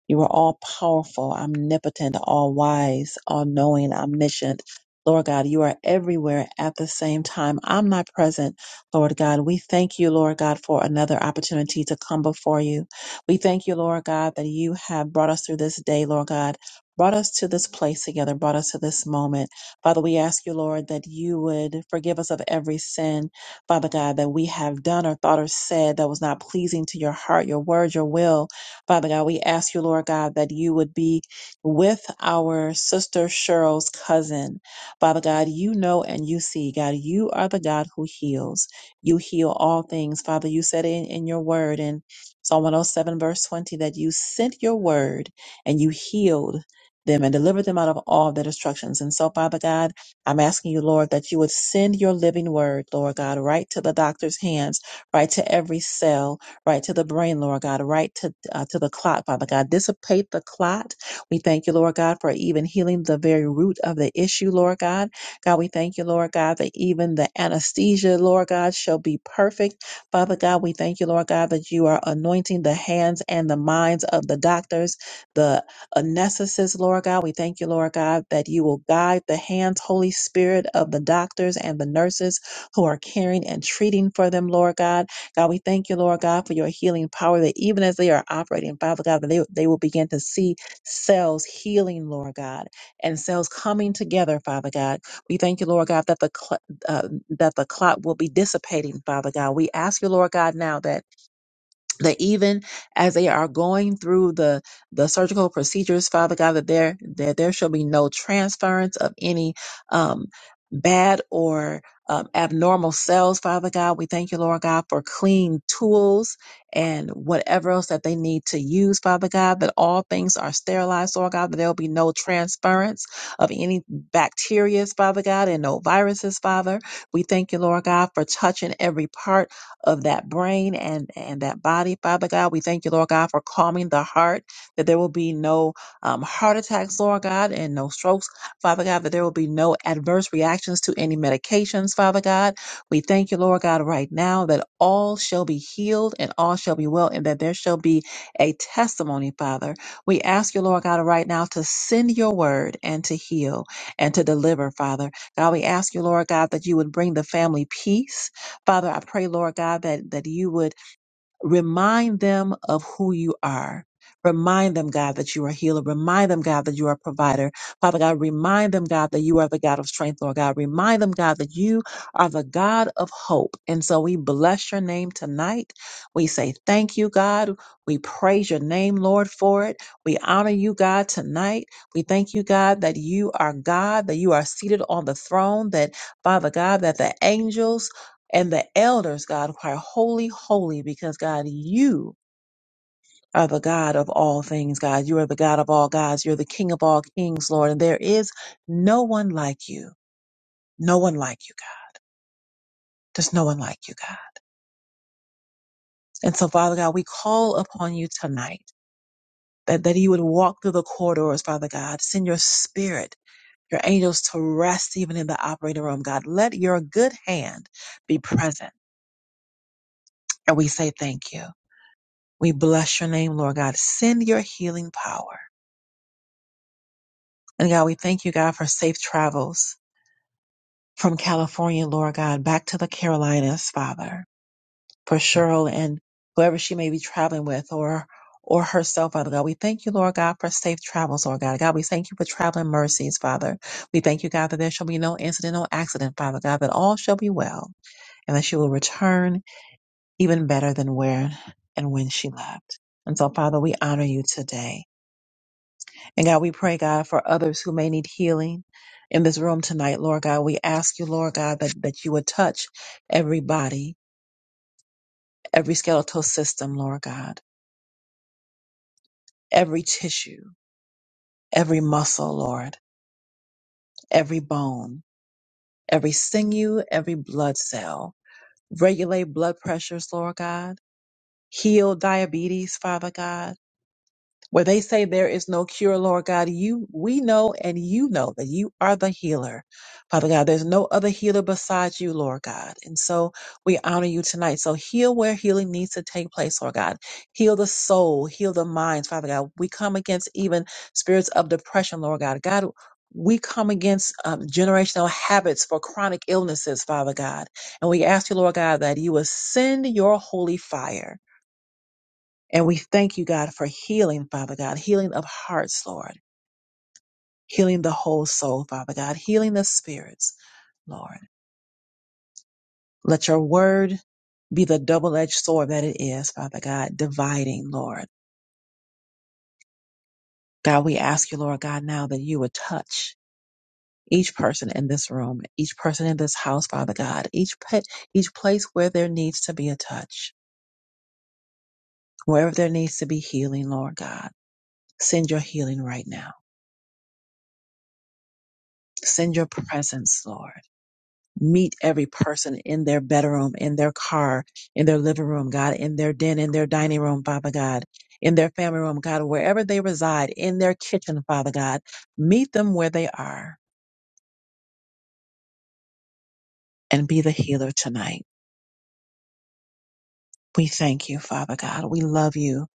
You are all powerful, omnipotent, all wise, all knowing, omniscient. Lord God, you are everywhere at the same time. I'm not present. Lord God, we thank you, Lord God, for another opportunity to come before you. We thank you, Lord God, that you have brought us through this day, Lord God, brought us to this place together, brought us to this moment. Father, we ask you, Lord, that you would forgive us of every sin, Father God, that we have done or thought or said that was not pleasing to your heart, your word, your will. Father God, we ask you, Lord God, that you would be with our sister Cheryl's cousin. Father God, you know and you see, God, you are the God who heals. You heal all things. Father, you said in, in your word in Psalm 107, verse 20, that you sent your word and you healed them and delivered them out of all their destructions. And so, Father God, I'm asking you, Lord, that you would send your living word, Lord God, right to the doctor's hands, right to every cell, right to the brain, Lord God, right to uh, to the clot, Father God. Dissipate the clot. We thank you, Lord God, for even healing the very root of the issue, Lord God. God, we thank you, Lord God, that even the anesthesia, Lord God, shall be perfect. Father God, we thank you, Lord God, that you are anointing the hands and the minds of the doctors, the anesthetist, Lord God. We thank you, Lord God, that you will guide the hands, Holy Spirit, of the doctors and the nurses who are caring and treating for them, Lord God. God, we thank you, Lord God, for your healing power that even as they are operating, Father God, that they, they will begin to see cells healing, Lord God, and cells coming together, Father God. We thank you, Lord God, that the cl- uh, that the clot will be dissipating, Father God. We ask you, Lord God, now that that even as they are going through the the surgical procedures, Father God, that there that there shall be no transference of any um, bad or um, abnormal cells, Father God. We thank you, Lord God, for clean tools and whatever else that they need to use, Father God. That all things are sterilized, Lord God. That there will be no transference of any bacteria, Father God, and no viruses, Father. We thank you, Lord God, for touching every part of that brain and, and that body, Father God. We thank you, Lord God, for calming the heart, that there will be no um, heart attacks, Lord God, and no strokes, Father God, that there will be no adverse reactions to any medications, Father God. We thank you, Lord God, right now that all shall be healed and all shall be well, and that there shall be a testimony, Father. We ask you, Lord God, right now to send your word and to heal and to deliver, Father. God, we ask you, Lord God, that you would bring the family peace Father, I pray, Lord God, that, that you would remind them of who you are. Remind them, God, that you are a healer. Remind them, God, that you are a provider. Father God, remind them, God, that you are the God of strength, Lord God. Remind them, God, that you are the God of hope. And so we bless your name tonight. We say thank you, God. We praise your name, Lord, for it. We honor you, God, tonight. We thank you, God, that you are God, that you are seated on the throne, that, Father God, that the angels and the elders, God, cry, holy, holy, because God, you are the God of all things, God. You are the God of all gods. You're the King of all kings, Lord. And there is no one like you. No one like you, God. There's no one like you, God. And so, Father God, we call upon you tonight that, that you would walk through the corridors, Father God. Send your spirit, your angels to rest even in the operating room, God. Let your good hand be present. And we say thank you. We bless your name, Lord God. Send your healing power. And God, we thank you, God, for safe travels from California, Lord God, back to the Carolinas, Father, for Cheryl and whoever she may be traveling with or or herself, Father God. We thank you, Lord God, for safe travels, Lord God. God, we thank you for traveling mercies, Father. We thank you, God, that there shall be no incident, no accident, Father God, that all shall be well and that she will return even better than where and when she left. And so, Father, we honor you today. And God, we pray, God, for others who may need healing in this room tonight, Lord God. We ask you, Lord God, that, that you would touch every body, every skeletal system, Lord God, every tissue, every muscle, Lord, every bone, every sinew, every blood cell. Regulate blood pressures, Lord God. Heal diabetes, Father God. where they say there is no cure, Lord God, you we know and you know that you are the healer. Father God, there's no other healer besides you, Lord God. And so we honor you tonight. So heal where healing needs to take place, Lord God. Heal the soul, heal the minds, Father God. We come against even spirits of depression, Lord God. God, we come against um, generational habits for chronic illnesses, Father God. And we ask you, Lord God, that you would send your holy fire and we thank you, God, for healing, Father God, healing of hearts, Lord, healing the whole soul, Father God, healing the spirits, Lord. Let your word be the double edged sword that it is, Father God, dividing, Lord. God, we ask you, Lord God, now that you would touch each person in this room, each person in this house, Father God, each pet, each place where there needs to be a touch, wherever there needs to be healing, Lord God. Send your healing right now. Send your presence, Lord. meet every person in their bedroom, in their car, in their living room, God, in their den, in their dining room, Father God, in their family room, God, wherever they reside, in their kitchen, Father God. Meet them where they are and be the healer tonight. We thank you, Father God. We love you.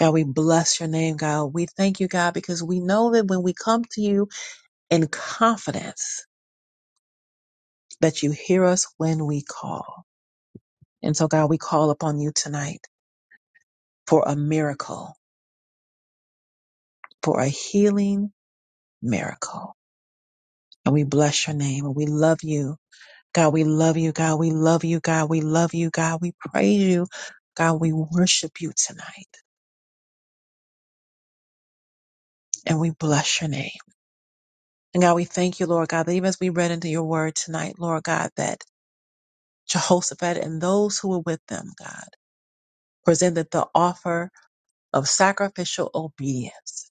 God, we bless your name, God. We thank you, God, because we know that when we come to you in confidence, that you hear us when we call. And so, God, we call upon you tonight for a miracle, for a healing, miracle. And we bless your name and we love you. God, we love you. God, we love you. God, we love you. God, we praise you. God, we worship you tonight and we bless your name. And God, we thank you, Lord God, that even as we read into your word tonight, Lord God, that Jehoshaphat and those who were with them, God, presented the offer of sacrificial obedience.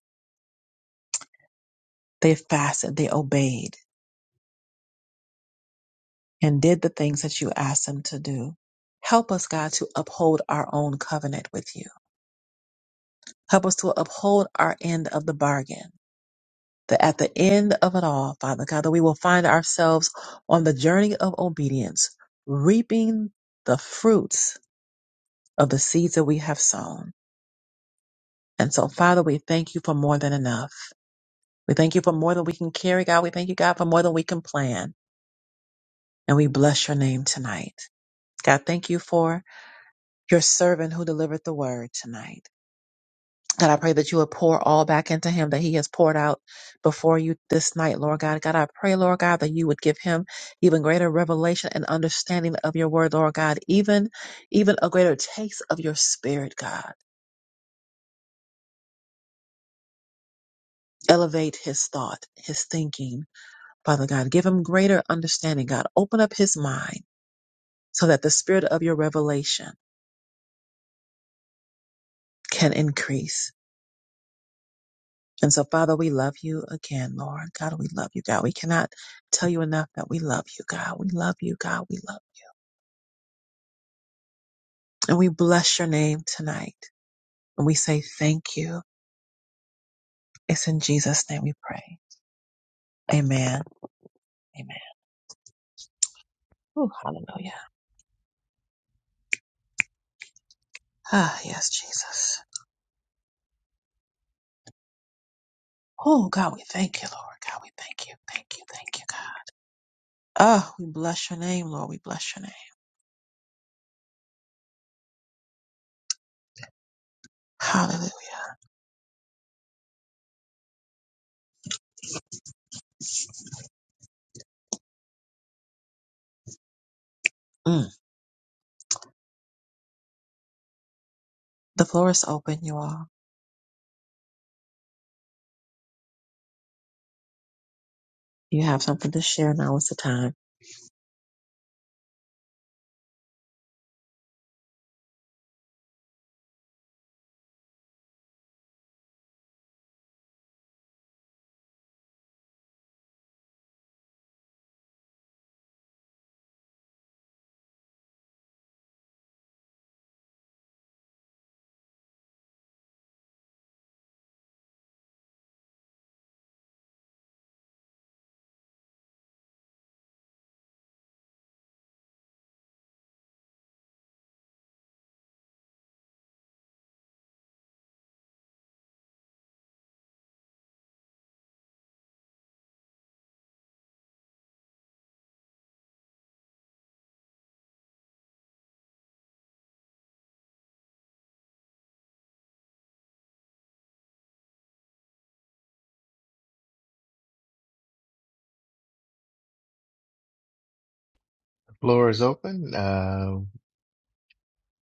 They fasted, they obeyed, and did the things that you asked them to do. Help us, God, to uphold our own covenant with you Help us to uphold our end of the bargain. That at the end of it all, Father God, that we will find ourselves on the journey of obedience, reaping the fruits of the seeds that we have sown. And so, Father, we thank you for more than enough. We thank you for more than we can carry, God. We thank you, God, for more than we can plan. And we bless your name tonight. God, thank you for your servant who delivered the word tonight. God, I pray that you would pour all back into him that he has poured out before you this night, Lord God. God, I pray, Lord God, that you would give him even greater revelation and understanding of your word, Lord God, even, even a greater taste of your spirit, God. Elevate his thought, his thinking, Father God. Give him greater understanding, God. Open up his mind so that the spirit of your revelation can increase. And so, Father, we love you again, Lord. God, we love you, God. We cannot tell you enough that we love you, God. We love you, God. We love you. And we bless your name tonight. And we say thank you. It's in Jesus' name we pray. Amen. Amen. Oh, hallelujah. Ah, yes, Jesus. Oh, God, we thank you, Lord. God, we thank you. Thank you. Thank you, God. Oh, we bless your name, Lord. We bless your name. Hallelujah. Mm. The floor is open, you all. You have something to share. Now is the time.
The floor is open. Uh,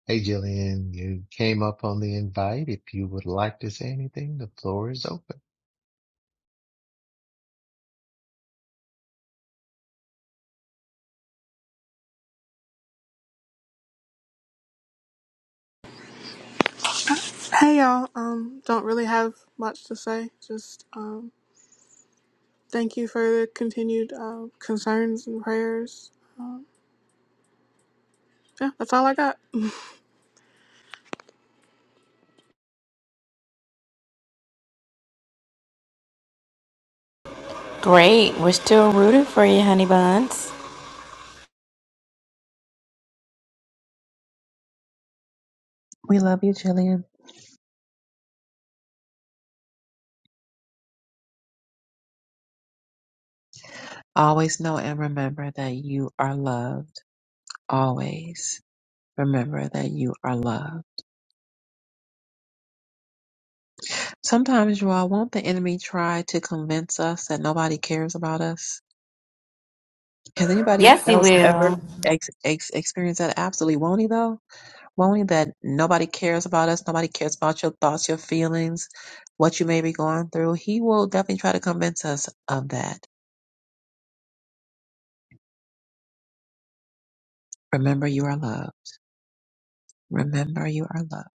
hey, Jillian, you came up on the invite. If you would like to say anything, the floor is open.
Hey y'all, um, don't really have much to say. Just um, thank you for the continued uh, concerns and prayers. Yeah, that's all I got.
Great. We're still rooting for you, honey buns.
We love you, Jillian. Always know and remember that you are loved. Always remember that you are loved. Sometimes, you all, won't the enemy try to convince us that nobody cares about us? Has anybody
Yes, he
else ever
will.
ex- ex- experienced that? Absolutely, won't he though? Won't he that nobody cares about us? Nobody cares about your thoughts, your feelings, what you may be going through. He will definitely try to convince us of that. Remember, you are loved. Remember, you are loved.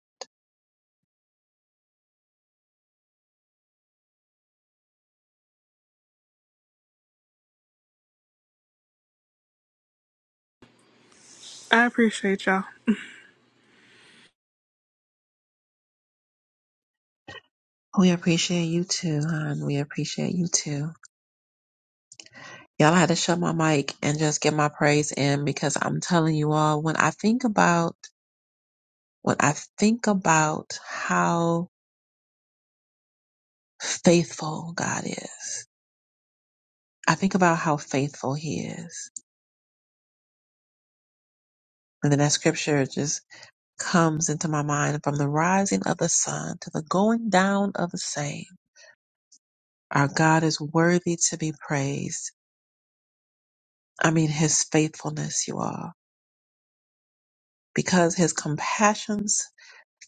I appreciate y'all.
We appreciate you too, hon. We appreciate you too. Y'all I had to shut my mic and just get my praise in because I'm telling you all, when I think about when I think about how faithful God is, I think about how faithful He is. And then that scripture just comes into my mind from the rising of the sun to the going down of the same. Our God is worthy to be praised. I mean, His faithfulness, you all, because His compassions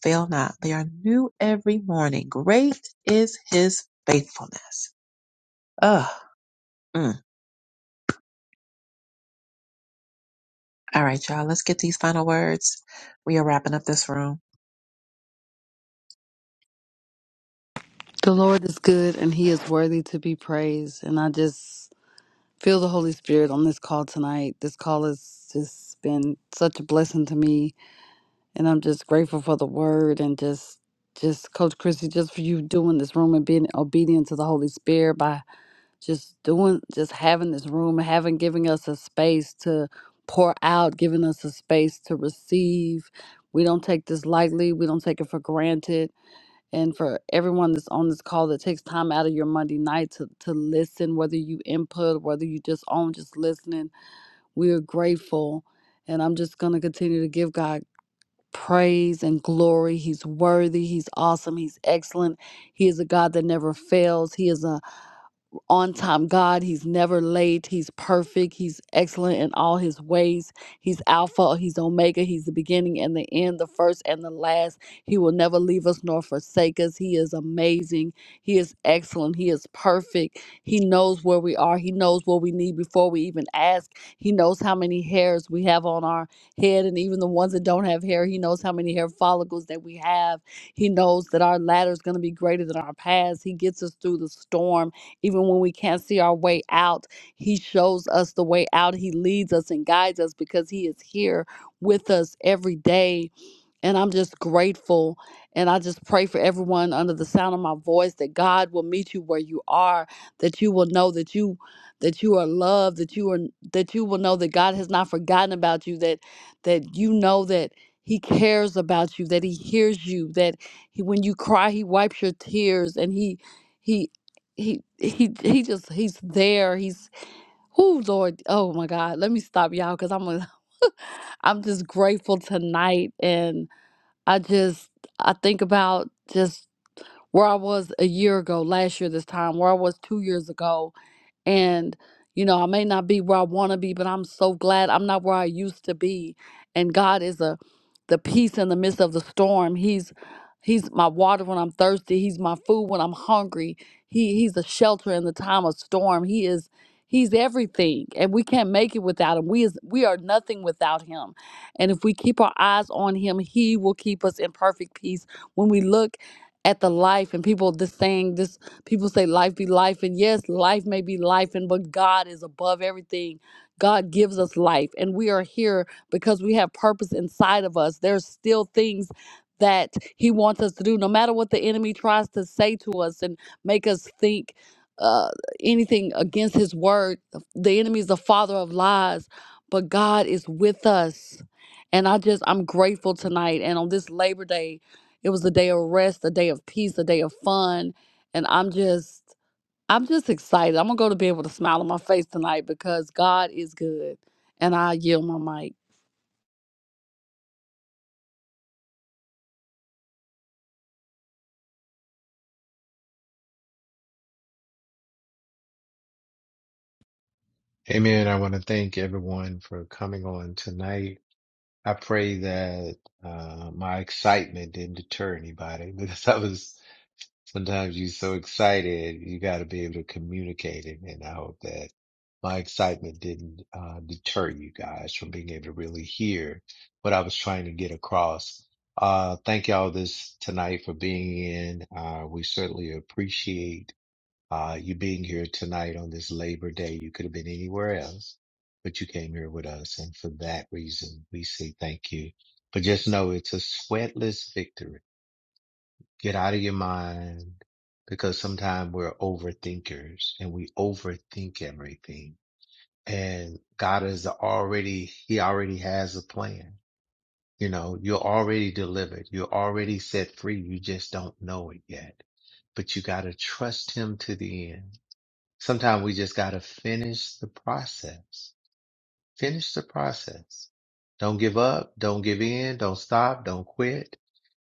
fail not. They are new every morning. Great is his faithfulness. Ugh. Mm. All right, y'all. Let's get these final words. We are wrapping up this room.
The Lord is good and he is worthy to be praised. And I just feel the Holy Spirit on this call tonight. This call has just been such a blessing to me and I'm just grateful for the word and just just Coach Chrissy, just for you doing this room and being obedient to the Holy Spirit by just doing just having this room, having giving us a space to pour out, giving us a space to receive. We don't take this lightly, we don't take it for granted. And for everyone that's on this call that takes time out of your Monday night to, to listen, whether you input, whether you just on just listening, we are grateful. And I'm just gonna continue to give God praise and glory. He's worthy. He's awesome. He's excellent. He is a God that never fails. He is a on time God. He's never late. He's perfect. He's excellent in all his ways. He's Alpha. He's Omega. He's the beginning and the end, the first and the last. He will never leave us nor forsake us. He is amazing. He is excellent. He is perfect. He knows where we are. He knows what we need before we even ask. He knows how many hairs we have on our head and even the ones that don't have hair. He knows how many hair follicles that we have. He knows that our ladder is going to be greater than our past. He gets us through the storm. Even when we can't see our way out, He shows us the way out. He leads us and guides us because He is here with us every day and I'm just grateful. And I just pray for everyone under the sound of my voice that God will meet you where you are, that you will know that you that you are loved, that you are that you will know that God has not forgotten about you, that that you know that he cares about you, that he hears you, that he, when you cry, he wipes your tears and he he he he he just he's there. He's who Lord, oh my God, let me stop y'all because I'm i I'm just grateful tonight I just I think about just where I was a year ago, last year this time, where I was two years ago, and, you know, I may not be where I want to be, but I'm so glad I'm not where I used to be. And God is a the peace in the midst of the storm. He's he's my water when I'm thirsty. He's my food when I'm hungry. He he's a shelter in the time of storm. He is he's everything. And we can't make it without him. We is we are nothing without him. And if we keep our eyes on him, he will keep us in perfect peace. When we look at the life and people just saying this People say life be life, and yes, life may be life, and but God is above everything. God gives us life, and we are here because we have purpose inside of us. There's still things that He wants us to do, no matter what the enemy tries to say to us and make us think uh, anything against His word. The enemy is the father of lies, but God is with us. And I just, I'm grateful tonight. And on this Labor Day, it was a day of rest, a day of peace, a day of fun and I'm just I'm just excited. I'm gonna go to bed with a smile on my face tonight because God is good, and I yield my mic.
Amen. I want to thank everyone for coming on tonight. I pray that uh, my excitement didn't deter anybody because I was sometimes you're so excited, you got to be able to communicate it. And I hope that my excitement didn't uh, deter you guys from being able to really hear what I was trying to get across. Uh, thank y'all this tonight for being in. Uh, we certainly appreciate uh, you being here tonight on this Labor Day. You could have been anywhere else, but you came here with us. And for that reason, we say thank you. But just know it's a sweatless victory. Get out of your mind because sometimes we're overthinkers and we overthink everything. And God is already, he already has a plan. You know, you're already delivered. You're already set free. You just don't know it yet, but you got to trust him to the end Sometimes we just got to finish the process. Finish the process. Don't give up. Don't give in. Don't stop. Don't quit.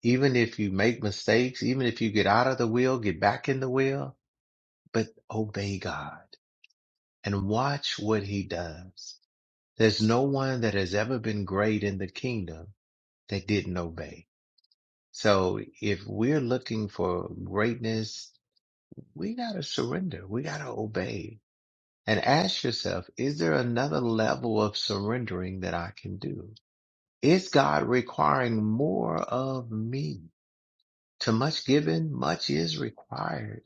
Even if you make mistakes, even if you get out of the wheel, get back in the wheel, but obey God and watch what he does. There's no one that has ever been great in the kingdom that didn't obey. So if we're looking for greatness, we got to surrender. We got to obey and ask yourself, is there another level of surrendering that I can do? Is God requiring more of me? To much given, much is required.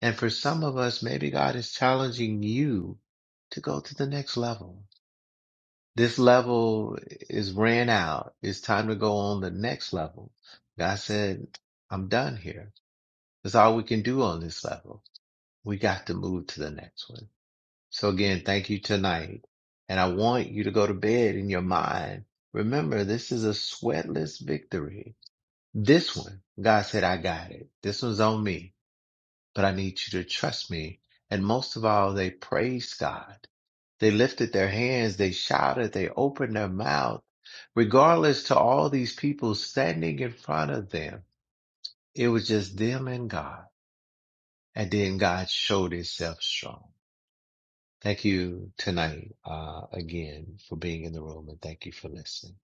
And for some of us, maybe God is challenging you to go to the next level. This level is ran out. It's time to go on the next level. God said, I'm done here. That's all we can do on this level. We got to move to the next one. So again, thank you tonight. And I want you to go to bed in your mind. Remember, this is a sweatless victory. This one, God said, I got it. This one's on me, but I need you to trust me. And most of all, they praised God. They lifted their hands. They shouted. They opened their mouth. Regardless to all these people standing in front of them, it was just them and God. And then God showed himself strong. Thank you tonight uh, again for being in the room and thank you for listening.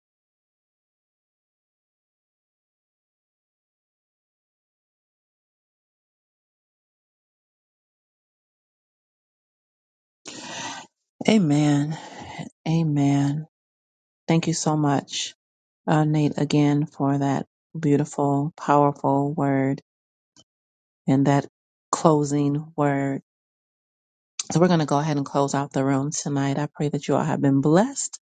Amen. Amen. Thank you so much, uh, Nate, again for that beautiful, powerful word and that closing word. So we're going to go ahead and close out the room tonight. I pray that you all have been blessed.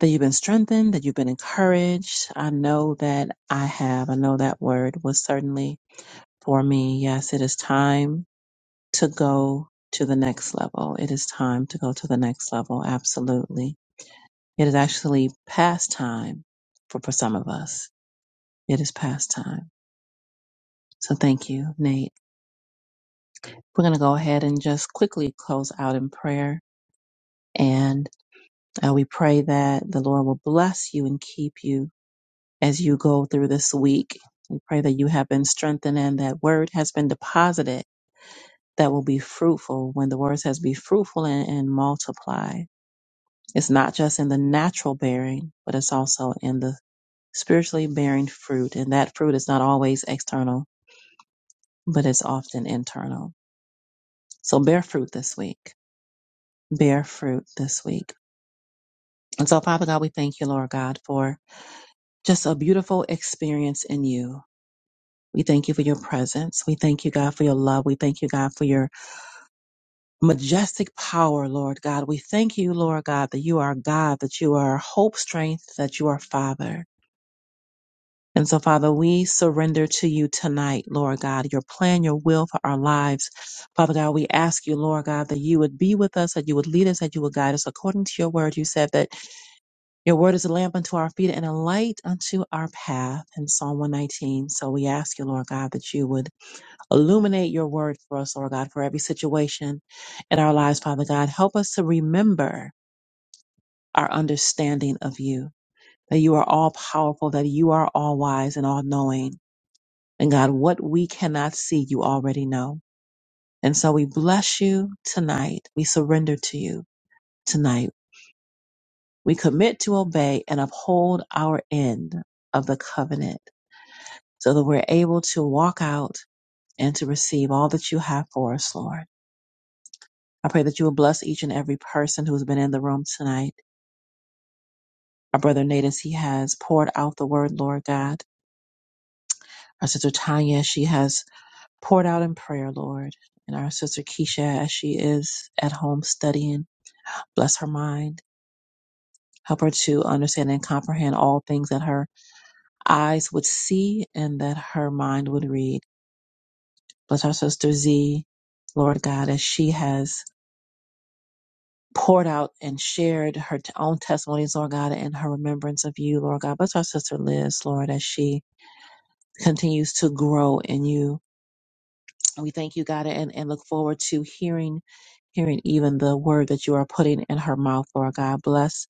that you've been strengthened, that you've been encouraged. I know that I have. I know that word was certainly for me. Yes, it is time to go to the next level. It is time to go to the next level. Absolutely. It is actually past time for, for some of us. It is past time. So thank you, Nate. We're going to go ahead and just quickly close out in prayer. And uh, we pray that the Lord will bless you and keep you as you go through this week. We pray that you have been strengthened and that word has been deposited that will be fruitful when the word says be fruitful and, and multiply. It's not just in the natural bearing, but it's also in the spiritually bearing fruit. And that fruit is not always external, but it's often internal. So bear fruit this week. Bear fruit this week. And so, Father God, we thank you, Lord God, for just a beautiful experience in you We thank you for your presence. We thank you, God, for your love. We thank you, God, for your majestic power, Lord God. We thank you, Lord God, that you are God, that you are hope, strength, that you are Father. And so, Father, we surrender to you tonight, Lord God, your plan, your will for our lives. Father God, we ask you, Lord God, that you would be with us, that you would lead us, that you would guide us according to your word. You said that your word is a lamp unto our feet and a light unto our path in Psalm 119. So we ask you, Lord God, that you would Illuminate your word for us, Lord God, for every situation in our lives, Father God. Help us to remember our understanding of you, that you are all powerful, that you are all wise and all knowing. And God, what we cannot see, you already know. And so we bless you tonight. We surrender to you tonight. We commit to obey and uphold our end of the covenant so that we're able to walk out and to receive all that you have for us, Lord. I pray that you will bless each and every person who's been in the room tonight. Our brother Nate, as he has poured out the word, Lord God. Our sister Tanya, she has poured out in prayer, Lord. And our sister Keisha, as she is at home studying, bless her mind. Help her to understand and comprehend all things that her eyes would see and that her mind would read. Bless our sister Z, Lord God, as she has poured out and shared her t- own testimonies, Lord God, and her remembrance of you, Lord God. Bless our sister Liz, Lord, as she continues to grow in you. We thank you, God, and, and look forward to hearing hearing even the word that you are putting in her mouth, Lord God. Bless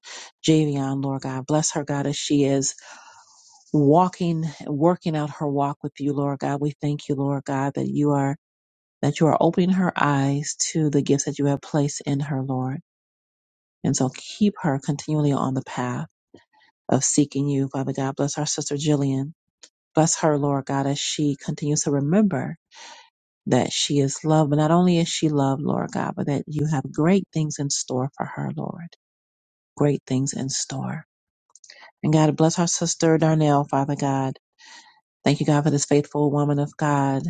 Javion, Lord God. Bless her, God, as she is walking, working out her walk with you, Lord God. We thank you, Lord God, that you are that you are opening her eyes to the gifts that you have placed in her, Lord. And so keep her continually on the path of seeking you, Father God. Bless our sister Jillian. Bless her, Lord God, as she continues to remember that she is loved. But not only is she loved, Lord God, but that you have great things in store for her, Lord. Great things in store. And God, bless our sister Darnell, Father God. Thank you, God, for this faithful woman of God,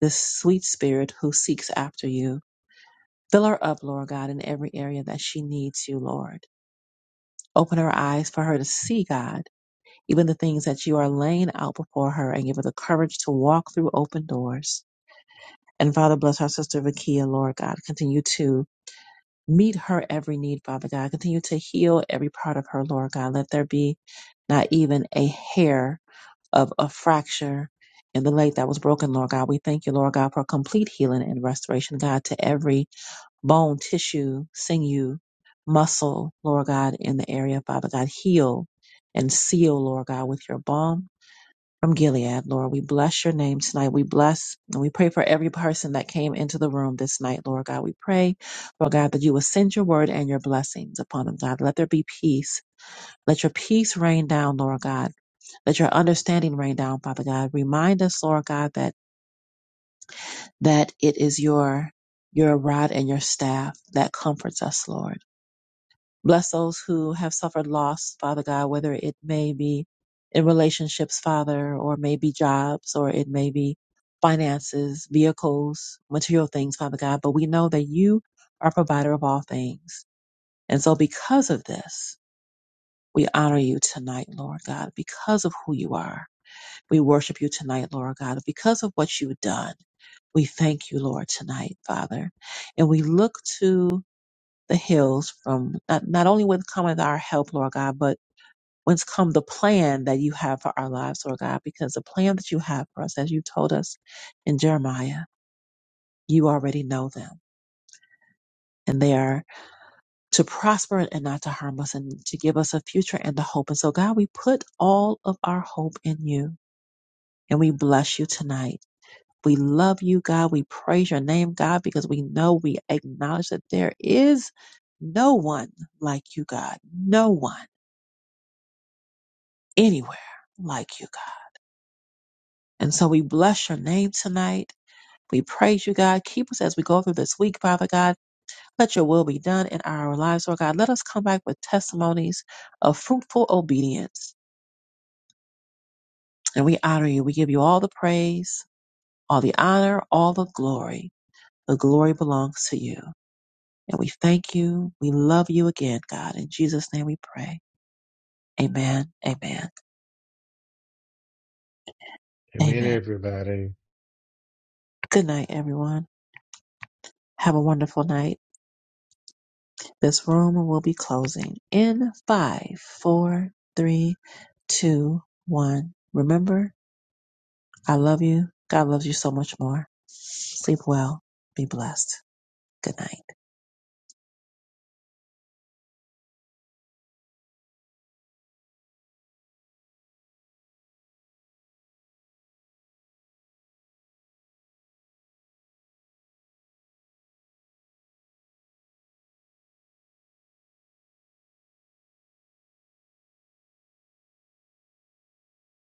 this sweet spirit who seeks after you. Fill her up, Lord God, in every area that she needs you, Lord. Open her eyes for her to see, God even the things that you are laying out before her and give her the courage to walk through open doors. And Father, bless our sister Vakia, Lord God. Continue to meet her every need, Father God. Continue to heal every part of her, Lord God. Let there be not even a hair of a fracture in the leg that was broken, Lord God. We thank you, Lord God, for complete healing and restoration, God, to every bone, tissue, sinew, muscle, Lord God, in the area, Father God. Heal and seal, Lord God, with your balm from Gilead, Lord. We bless your name tonight. We bless and we pray for every person that came into the room this night, Lord God. We pray, Lord God, that you will send your word and your blessings upon them, God. Let there be peace. Let your peace rain down, Lord God. Let your understanding rain down, Father God. Remind us, Lord God, that that it is your your rod and your staff that comforts us, Lord. Bless those who have suffered loss, Father God, whether it may be in relationships, Father, or maybe jobs, or it may be finances, vehicles, material things, Father God. But we know that you are provider of all things. And so because of this, we honor you tonight, Lord God, because of who you are. We worship you tonight, Lord God, because of what you've done. We thank you, Lord, tonight, Father. And we look to the hills from not, not only with coming our help, Lord God, but whence come the plan that you have for our lives, Lord God, because the plan that you have for us, as you told us in Jeremiah, you already know them. And they are to prosper and not to harm us and to give us a future and a hope. And so, God, we put all of our hope in you and we bless you tonight. We love you, God. We praise your name, God, because we know we acknowledge that there is no one like you, God. No one anywhere like you, God. And so we bless your name tonight. We praise you, God. Keep us as we go through this week, Father God. Let your will be done in our lives, Lord God. Let us come back with testimonies of fruitful obedience. And we honor you. We give you all the praise, all the honor, all the glory. The glory belongs to you. And we thank you. We love you again, God. In Jesus' name we pray. Amen. Amen.
Amen,
Amen.
everybody.
Good night, everyone. Have a wonderful night. This room will be closing in five, four, three, two, one. Remember, I love you. God loves you so much more. Sleep well. Be blessed. Good night.